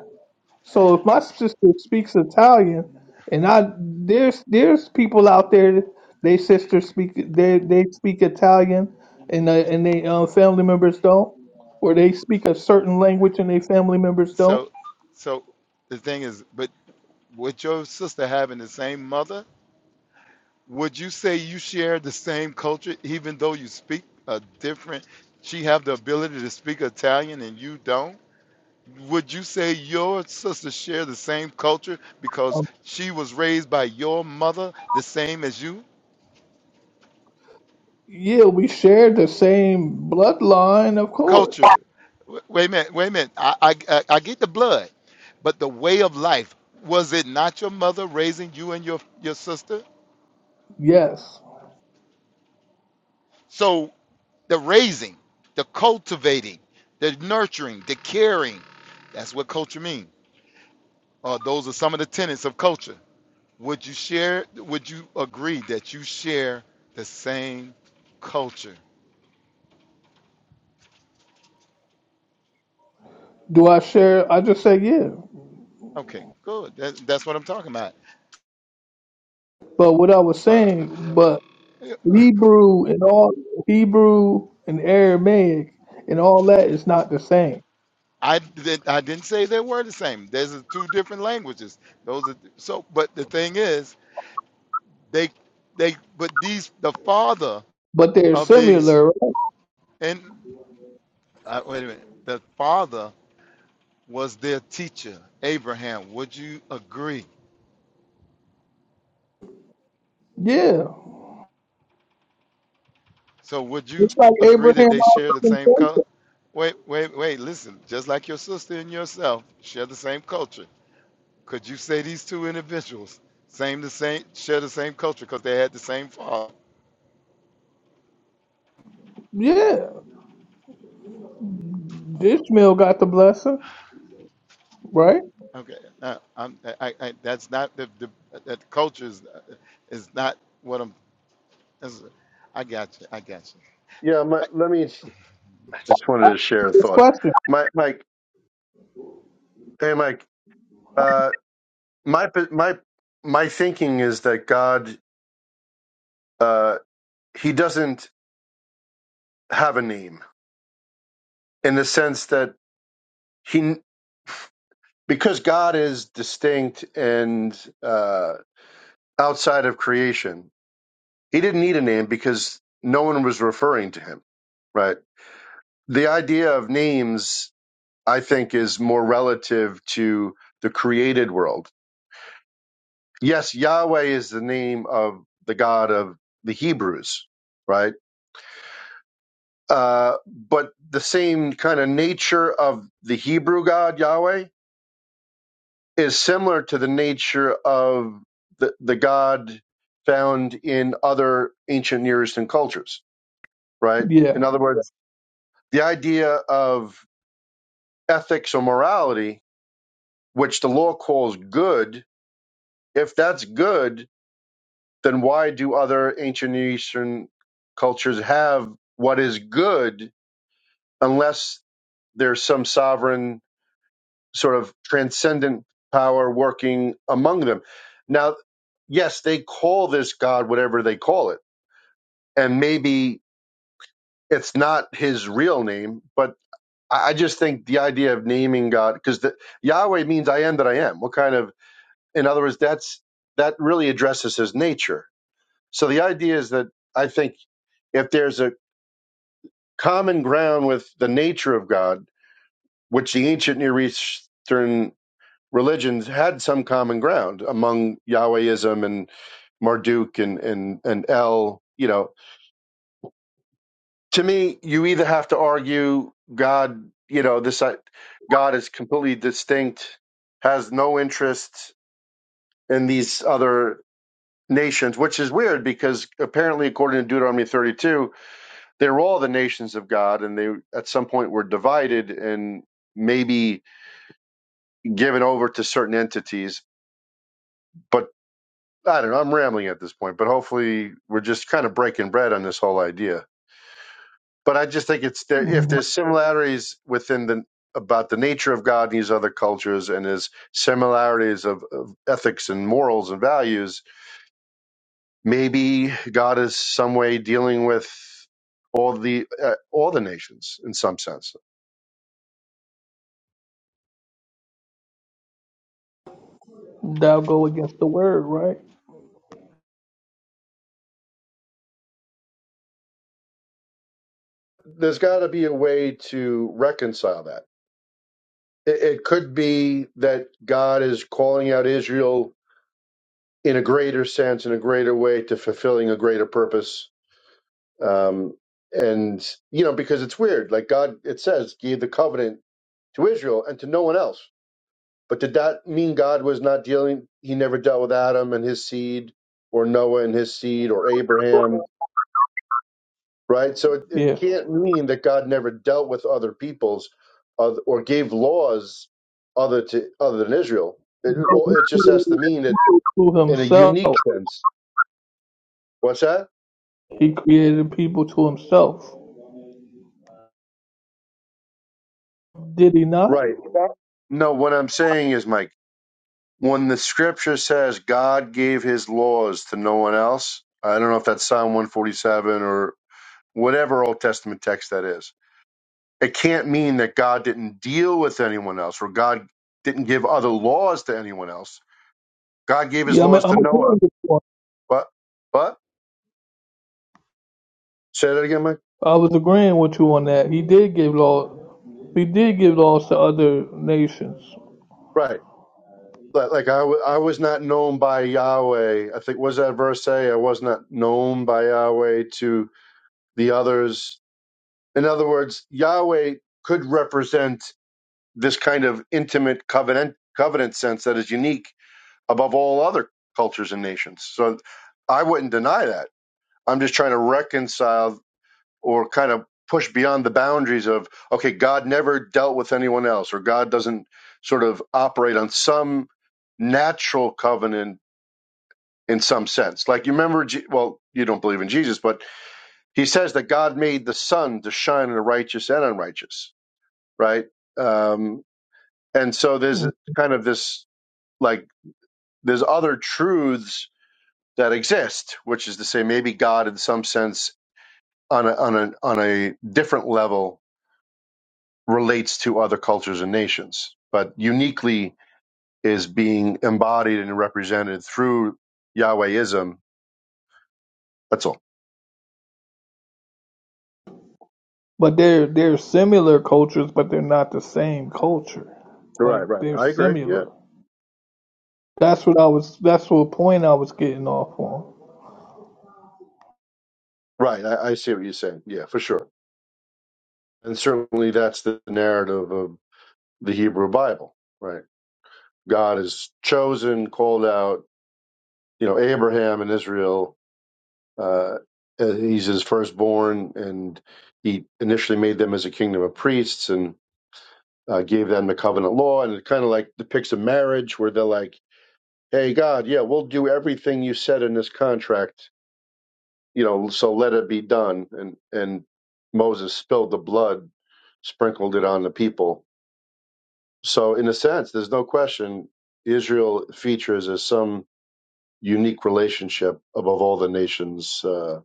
S4: so if my sister speaks Italian, and I there's there's people out there they sisters speak they they speak Italian, and uh, and they uh, family members don't, or they speak a certain language and they family members don't.
S6: So, so the thing is, but with your sister having the same mother, would you say you share the same culture, even though you speak a different? She have the ability to speak Italian and you don't. Would you say your sister share the same culture because
S4: Um,
S6: she was raised by your mother the same as you?
S4: Yeah, we share the same bloodline, of course.
S6: culture. W- Wait a minute, wait a minute. I, I, I I get the blood, but the way of life, was it not your mother raising you and your, your sister?
S4: Yes.
S6: So the raising, the cultivating, the nurturing, the caring, that's what culture means. Uh, those are some of the tenets of culture. Would you share, would you agree that you share the same culture?
S4: Do I share? I just say yeah.
S6: Okay, good. That, that's what I'm talking about.
S4: But what I was
S6: Uh,
S4: saying, but Hebrew and all Hebrew and Aramaic and all that is not the same,
S6: I did, I didn't say they were the same. There's a- two different languages. Those are so. But the thing is, they they but these the father
S4: but they're
S6: of these
S4: similar. Right?
S6: and uh, wait a minute. The father was their teacher, Abraham. Would you agree?
S4: Yeah,
S6: So would you
S4: it's like
S6: agree that
S4: Abraham.
S6: they share
S4: Isaac,
S6: the
S4: and
S6: same color?
S4: Jacob.
S6: Wait, wait, wait. Listen, just like your sister and yourself share the same culture. Could you say these two individuals same the same share the same culture because they had the same father?
S4: Yeah. Ishmael got the blessing, right?
S6: Okay, no, I'm, I, I, that's not the, the that culture is, is not what I'm. Is, I got you. I got you.
S1: yeah, my, let me. I just wanted to share a
S4: This
S1: thought.
S4: question.
S1: My Mike, hey Mike, uh, my my my thinking is that God, uh, he doesn't have a name in the sense that he because God is distinct and uh, outside of creation, he didn't need a name because no one was referring to him, right? the idea of names, I think, is more relative to the created world. Yes, Yahweh is the name of the God of the Hebrews, right? Uh, but the same kind of nature of the Hebrew God, Yahweh, is similar to the nature of the, the God found in other ancient Near Eastern cultures, right?
S4: Yeah.
S1: In other words, the idea of ethics or morality, which the law calls good, If that's good, then why do other ancient Eastern cultures have what is good unless there's some sovereign sort of transcendent power working among them? Now, yes, they call this God whatever they call it, and maybe it's not his real name, but I I just think the idea of naming God, because Yahweh means I am that I am. What kind of, in other words, that's that really addresses his nature So the idea is that I think if there's a common ground with the nature of God, which the ancient Near Eastern religions had some common ground among Yahwehism and Marduk and, and, and El, you know, to me, you either have to argue God, you know, this uh, God is completely distinct, has no interest in these other nations, which is weird because apparently, according to Deuteronomy 32, they were all the nations of God, and they at some point were divided and maybe given over to certain entities. But I don't know. I'm rambling at this point, but hopefully we're just kind of breaking bread on this whole idea. But I just think it's there if
S4: hmm
S1: there's similarities within the about the nature of God in these other cultures and his similarities of, of ethics and morals and values, maybe God is some way dealing with all the uh, all the nations in some sense.
S4: Thou go against the word, right?
S1: there's got to be a way to reconcile that. It, it could be that God is calling out Israel in a greater sense, in a greater way, to fulfilling a greater purpose. Um, and, you know, because it's weird. Like God, it says, gave the covenant to Israel and to no one else. But did that mean God was not dealing, he never dealt with Adam and his seed, or Noah and his seed, or Abraham? right? So it, it
S4: Yeah.
S1: can't mean that God never dealt with other peoples oth- or gave laws other to other than Israel. It, it
S4: But he
S1: or it just
S4: created
S1: has to mean it
S4: people To
S1: in a unique
S4: himself,
S1: sense. What's that?
S4: he created people to himself. Did he not?
S1: Right. No, what I'm saying is, Mike, when the scripture says God gave his laws to no one else, I don't know if that's Psalm 147 or whatever Old Testament text that is. It can't mean that God didn't deal with anyone else or God didn't give other laws to anyone else God gave his
S4: Yeah, I mean,
S1: laws
S4: I'm
S1: to
S4: agreeing
S1: Noah,
S4: with you. on-
S1: but but say that again, Mike.
S4: I was agreeing with you on that. He did give law. He did give laws to other nations,
S1: Right. Like, like I, w- I was not known by Yahweh. I think was that verse say I was not known by Yahweh to the others. In other words, Yahweh could represent this kind of intimate covenant covenant sense that is unique above all other cultures and nations. So I wouldn't deny that. I'm just trying to reconcile or kind of push beyond the boundaries of okay god never dealt with anyone else or god doesn't sort of operate on some natural covenant in some sense like you remember Je- well you don't believe in jesus but he says that god made the sun to shine on the righteous and unrighteous right um, and so there's
S4: Mm.
S1: kind of this like there's other truths that exist which is to say maybe god in some sense on a on a on a different level relates to other cultures and nations, but uniquely is being embodied and represented through Yahwehism. That's all.
S4: but they're they're similar cultures, but they're not the same culture. Like
S1: Right, right.
S4: they're
S1: I agree. Yeah.
S4: similar. That's what I was. That's what point I was getting off on.
S1: Right. I, I see what you're saying. Yeah, for sure. And certainly that's the narrative of the Hebrew Bible, right? God is chosen, called out, you know, Abraham and Israel. Uh, he's his firstborn, and he initially made them as a kingdom of priests. And uh, gave them the covenant law, and it kind of like depicts a marriage where they're like, "Hey, God, yeah, we'll do everything you said in this contract, you know, so let it be done." And and Moses spilled the blood, sprinkled it on the people. So in a sense, there's no question Israel features as some unique relationship above all the nations uh,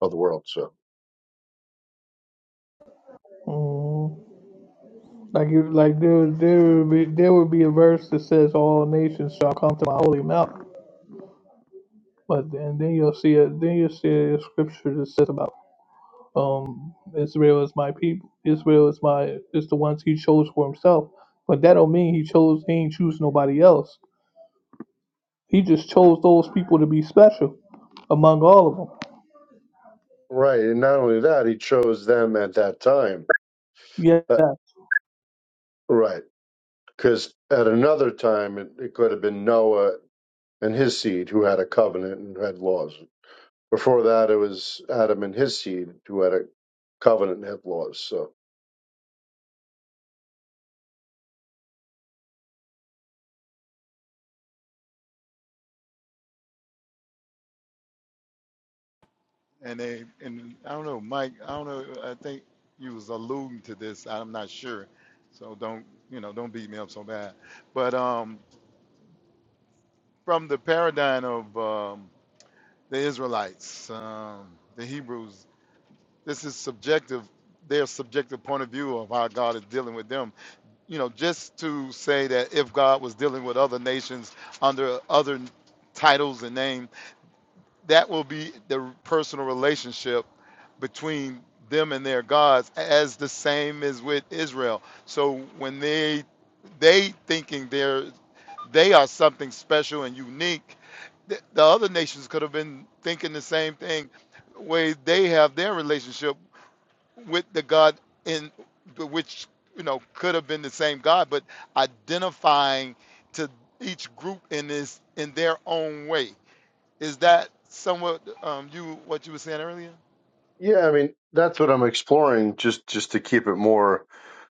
S1: of the world. So
S4: Mhm. Like you, like there, there would be there would be a verse that says, "All nations shall come to my holy mountain." But and then you'll see a then you'll see a scripture that says about um Israel is my people. Israel is my is the ones he chose for himself. But that don't mean he chose. He ain't choose nobody else. He just chose those people to be special among all of them.
S1: right, and not only that, he chose them at that time. Uh,
S4: Yeah.
S1: right because at another time it, it could have been Noah and his seed who had a covenant and had laws. Before that, it was Adam and his seed who had a covenant and had laws. So,
S6: And they and I don't know, Mike. I don't know. I think you was alluding to this. I'm not sure. So don't you know? Don't beat me up so bad. But um, from the paradigm of um, the Israelites, um, the Hebrews, this is subjective. Their subjective point of view of how God is dealing with them you know, just to say that if God was dealing with other nations under other titles and name, that will be the personal relationship between them and their gods, as the same as with Israel. So when they they thinking they're they are something special and unique, th- the other nations could have been thinking the same thing. Way they have their relationship with the God in which you know could have been the same God, but identifying to each group in this in their own way. Is that somewhat um, you what you were saying earlier?
S1: yeah, I mean, that's what I'm exploring just, just to keep it more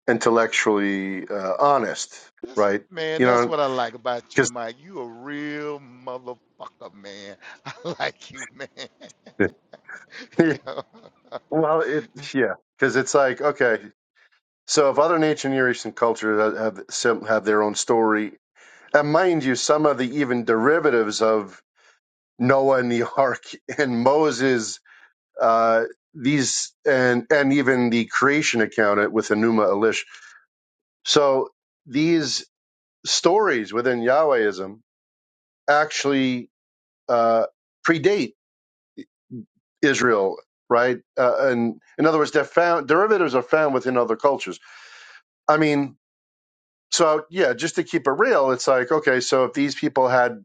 S1: intellectually uh, honest,
S6: That's
S1: right?
S6: man,
S1: You
S6: that's
S1: know,
S6: what I like about you,
S1: because,
S6: Mike. You a real motherfucker, man. I like you, man. You know?
S1: well, it, yeah, because it's like, okay, so if other ancient Near Eastern cultures have, have have their own story, and mind you, some of the even derivatives of Noah and the ark and Moses uh, these and and even the creation account with Enuma Elish. So these stories within Yahwehism actually uh, predate Israel, right? Uh, and in other words, they're found derivatives are found within other cultures. I mean, so yeah, just to keep it real, it's like okay, so if these people had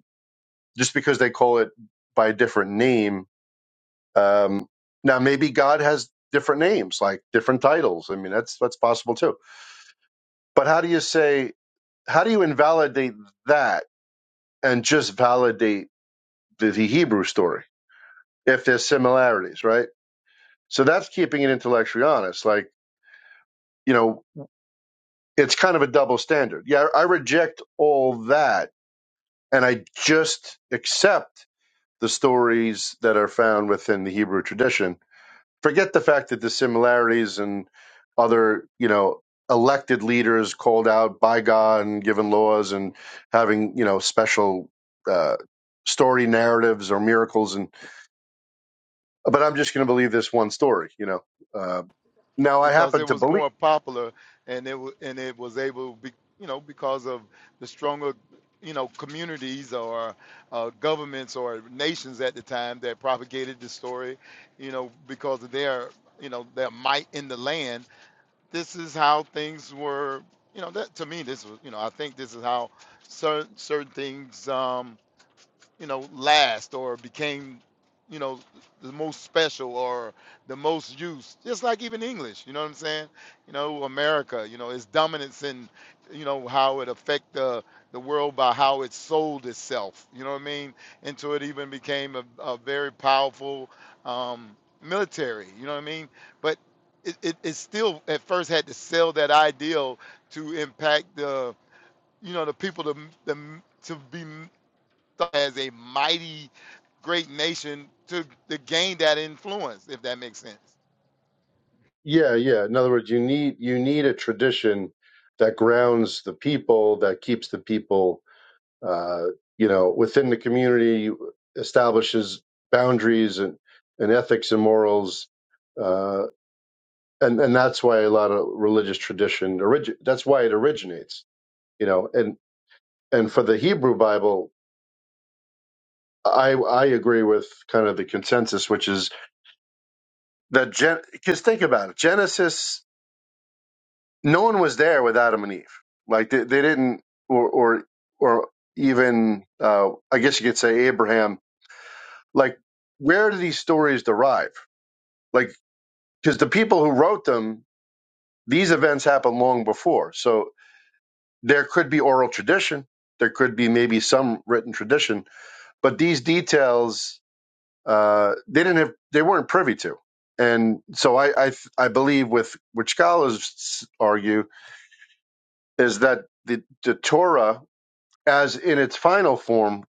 S1: just because they call it by a different name, um, now maybe God has different names, like different titles. I mean, that's that's possible too But how do you say, how do you invalidate that and just validate the, the Hebrew story if there's similarities, right? So that's keeping it intellectually honest. Like, you know, it's kind of a double standard. Yeah, I reject all that and I just accept the stories that are found within the Hebrew tradition Forget the fact that the similarities and other, you know, elected leaders called out by God and given laws and having, you know, special uh, story narratives or miracles. And but I'm just going to believe this one story, you know. Uh, now I
S6: because
S1: happen
S6: it
S1: to
S6: was
S1: believe.
S6: more popular and it wa- and it was able be, you know because of the stronger you know communities or uh, governments or nations at the time that propagated the story you know because of their you know their might in the land this is how things were you know that to me this was you know I think this is how certain certain things Um, you know, last or became, you know, the most special or the most used. Just like even English, you know what I'm saying? You know, America, you know, its dominance in, you know, how it affect the the world by how it sold itself. You know what I mean? Until it even became a, a very powerful um, military. You know what I mean? But it, it, it still at first had to sell that ideal to impact the you know the people to to to be thought as a mighty great nation to, to gain that influence, if that makes sense.
S1: Yeah, yeah. In other words, you need you need a tradition that grounds the people, that keeps the people uh, you know, within the community establishes boundaries and, and ethics and morals. Uh, and, and that's why a lot of religious tradition, origi- that's why it originates, you know, and, and for the Hebrew Bible, I, I agree with kind of the consensus, which is that Gen, cause think about it, Genesis, no one was there with Adam and Eve. Like they, they didn't, or, or, or even, uh, I guess you could say Abraham, like where do these stories derive? like because the people who wrote them these events happened long before so there could be oral tradition there could be maybe some written tradition but these details uh, they didn't have they weren't privy to and so i i, I believe with which scholars argue is that the, the torah as in its final form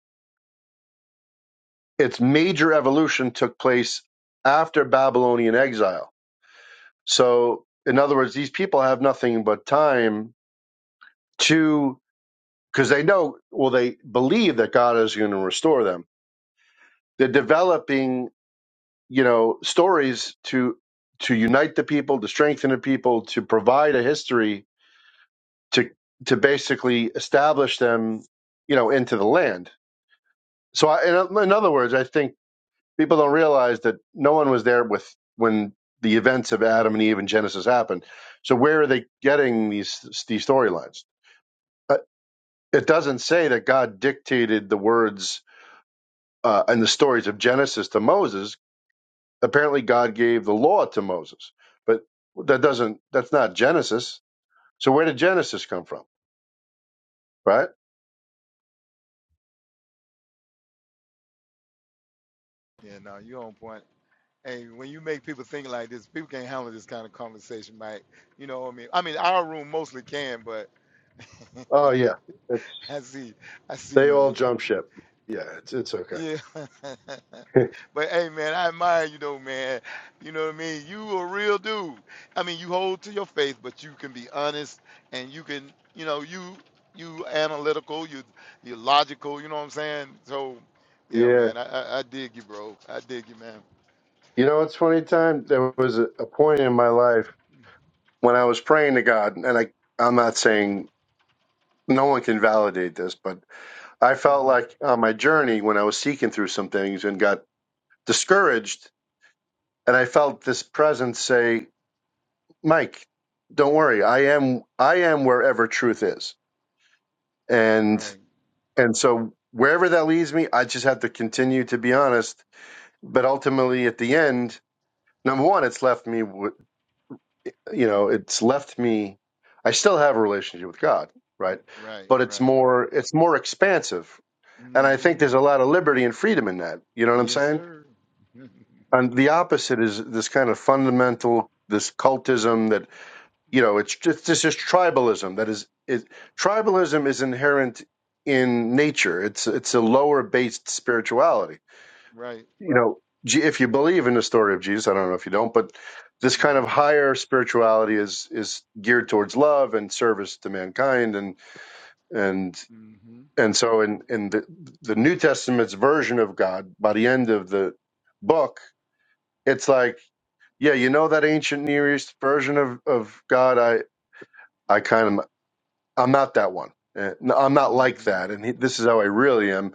S1: its major evolution took place after babylonian exile so in other words these people have nothing but time to because they know, well, they believe that God is going to restore them. They're developing, you know, stories to to unite the people, to strengthen the people, to provide a history to to basically establish them, you know, into the land. So, I, in, in other words, I think people don't realize that no one was there with when the events of Adam and Eve and Genesis happened. So, where are they getting these these storylines? Uh, It doesn't say that God dictated the words uh, in the stories of Genesis to Moses, apparently God gave the law to Moses, but that doesn't that's not Genesis. So where did Genesis come from? Right?
S6: Yeah, no, you on point. And when you make people think like this, people can't handle this kind of conversation, Mike. You know what I mean? I mean, our room mostly can, but
S1: Oh yeah, it's
S6: I see, I
S1: they
S6: see.
S1: all jump ship. Yeah, it's it's okay.
S6: Yeah. but hey man, I admire you though, man. You know what I mean? You a real dude. I mean you hold to your faith, but you can be honest and you can you know, you you analytical, you you logical, you know what I'm saying? So yeah,
S1: Yeah.
S6: man, I I, I dig you, bro. I dig you, man.
S1: You know, it's funny time. There was a, a point in my life when I was praying to God, and I I'm not saying no one can validate this, but I felt
S6: hmm
S1: like on my journey when I was seeking through some things and got discouraged, and I felt this presence say. Mike, don't worry. I am I am wherever truth is. And
S6: Right,
S1: and so wherever that leads me, I just have to continue to be honest, but ultimately at the end, number one, it's left me with- you know, it's left me I still have a relationship with God, right?
S6: right,
S1: But it's
S6: right.
S1: more it's more expansive. And I think
S6: hmm
S1: there's a lot of liberty and freedom in that. You know what I'm
S6: Yes,
S1: saying?
S6: sir.
S1: And the opposite is this kind of fundamental this cultism that you know it's just this is tribalism that is it, tribalism is inherent in nature it's it's a lower based spirituality
S6: right.
S1: you know if you believe in the story of jesus i don't know if you don't but this kind of
S6: hmm
S1: higher spirituality is is geared towards love and service to mankind and and
S6: hmm
S1: and so in in the the new testament's version of god by the end of the book it's like yeah you know that ancient near east version of of god i I kind of I'm not that one. Uh, no, I'm not like
S6: hmm
S1: that, and he, this is how I really am.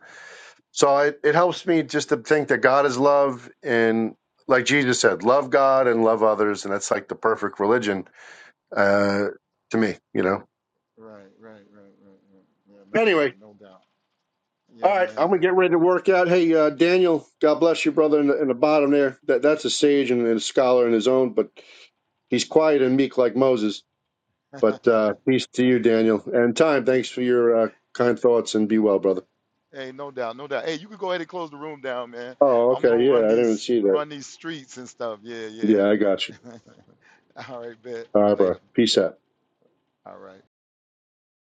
S1: So it, it helps me just to think that God is love, and like Jesus said, love God and love others, and that's like the perfect religion uh, to me, you know.
S6: Right, right, right, right, right. Yeah, no
S1: Anyway,
S6: doubt, no doubt. Yeah,
S1: all right, I'm
S6: man.
S1: gonna get ready to work out. Hey, uh, Daniel, God bless you, brother, in the, in the bottom there. That that's a sage and, and a scholar in his own, but he's quiet and meek like Moses. But uh, peace to you, Daniel, and time.
S6: yeah.
S1: Thanks for your uh, kind thoughts, and be well, brother.
S6: Hey, no doubt, no doubt. Hey, you could go ahead and close the room down, man.
S1: Oh,
S6: I'm
S1: okay,
S6: gonna run
S1: yeah, I didn't even
S6: these
S1: see that.
S6: run these streets and stuff. Yeah, yeah.
S1: Yeah, I got you.
S6: All right, bet.
S1: All right, bro.
S6: Later.
S1: Peace out.
S6: All right.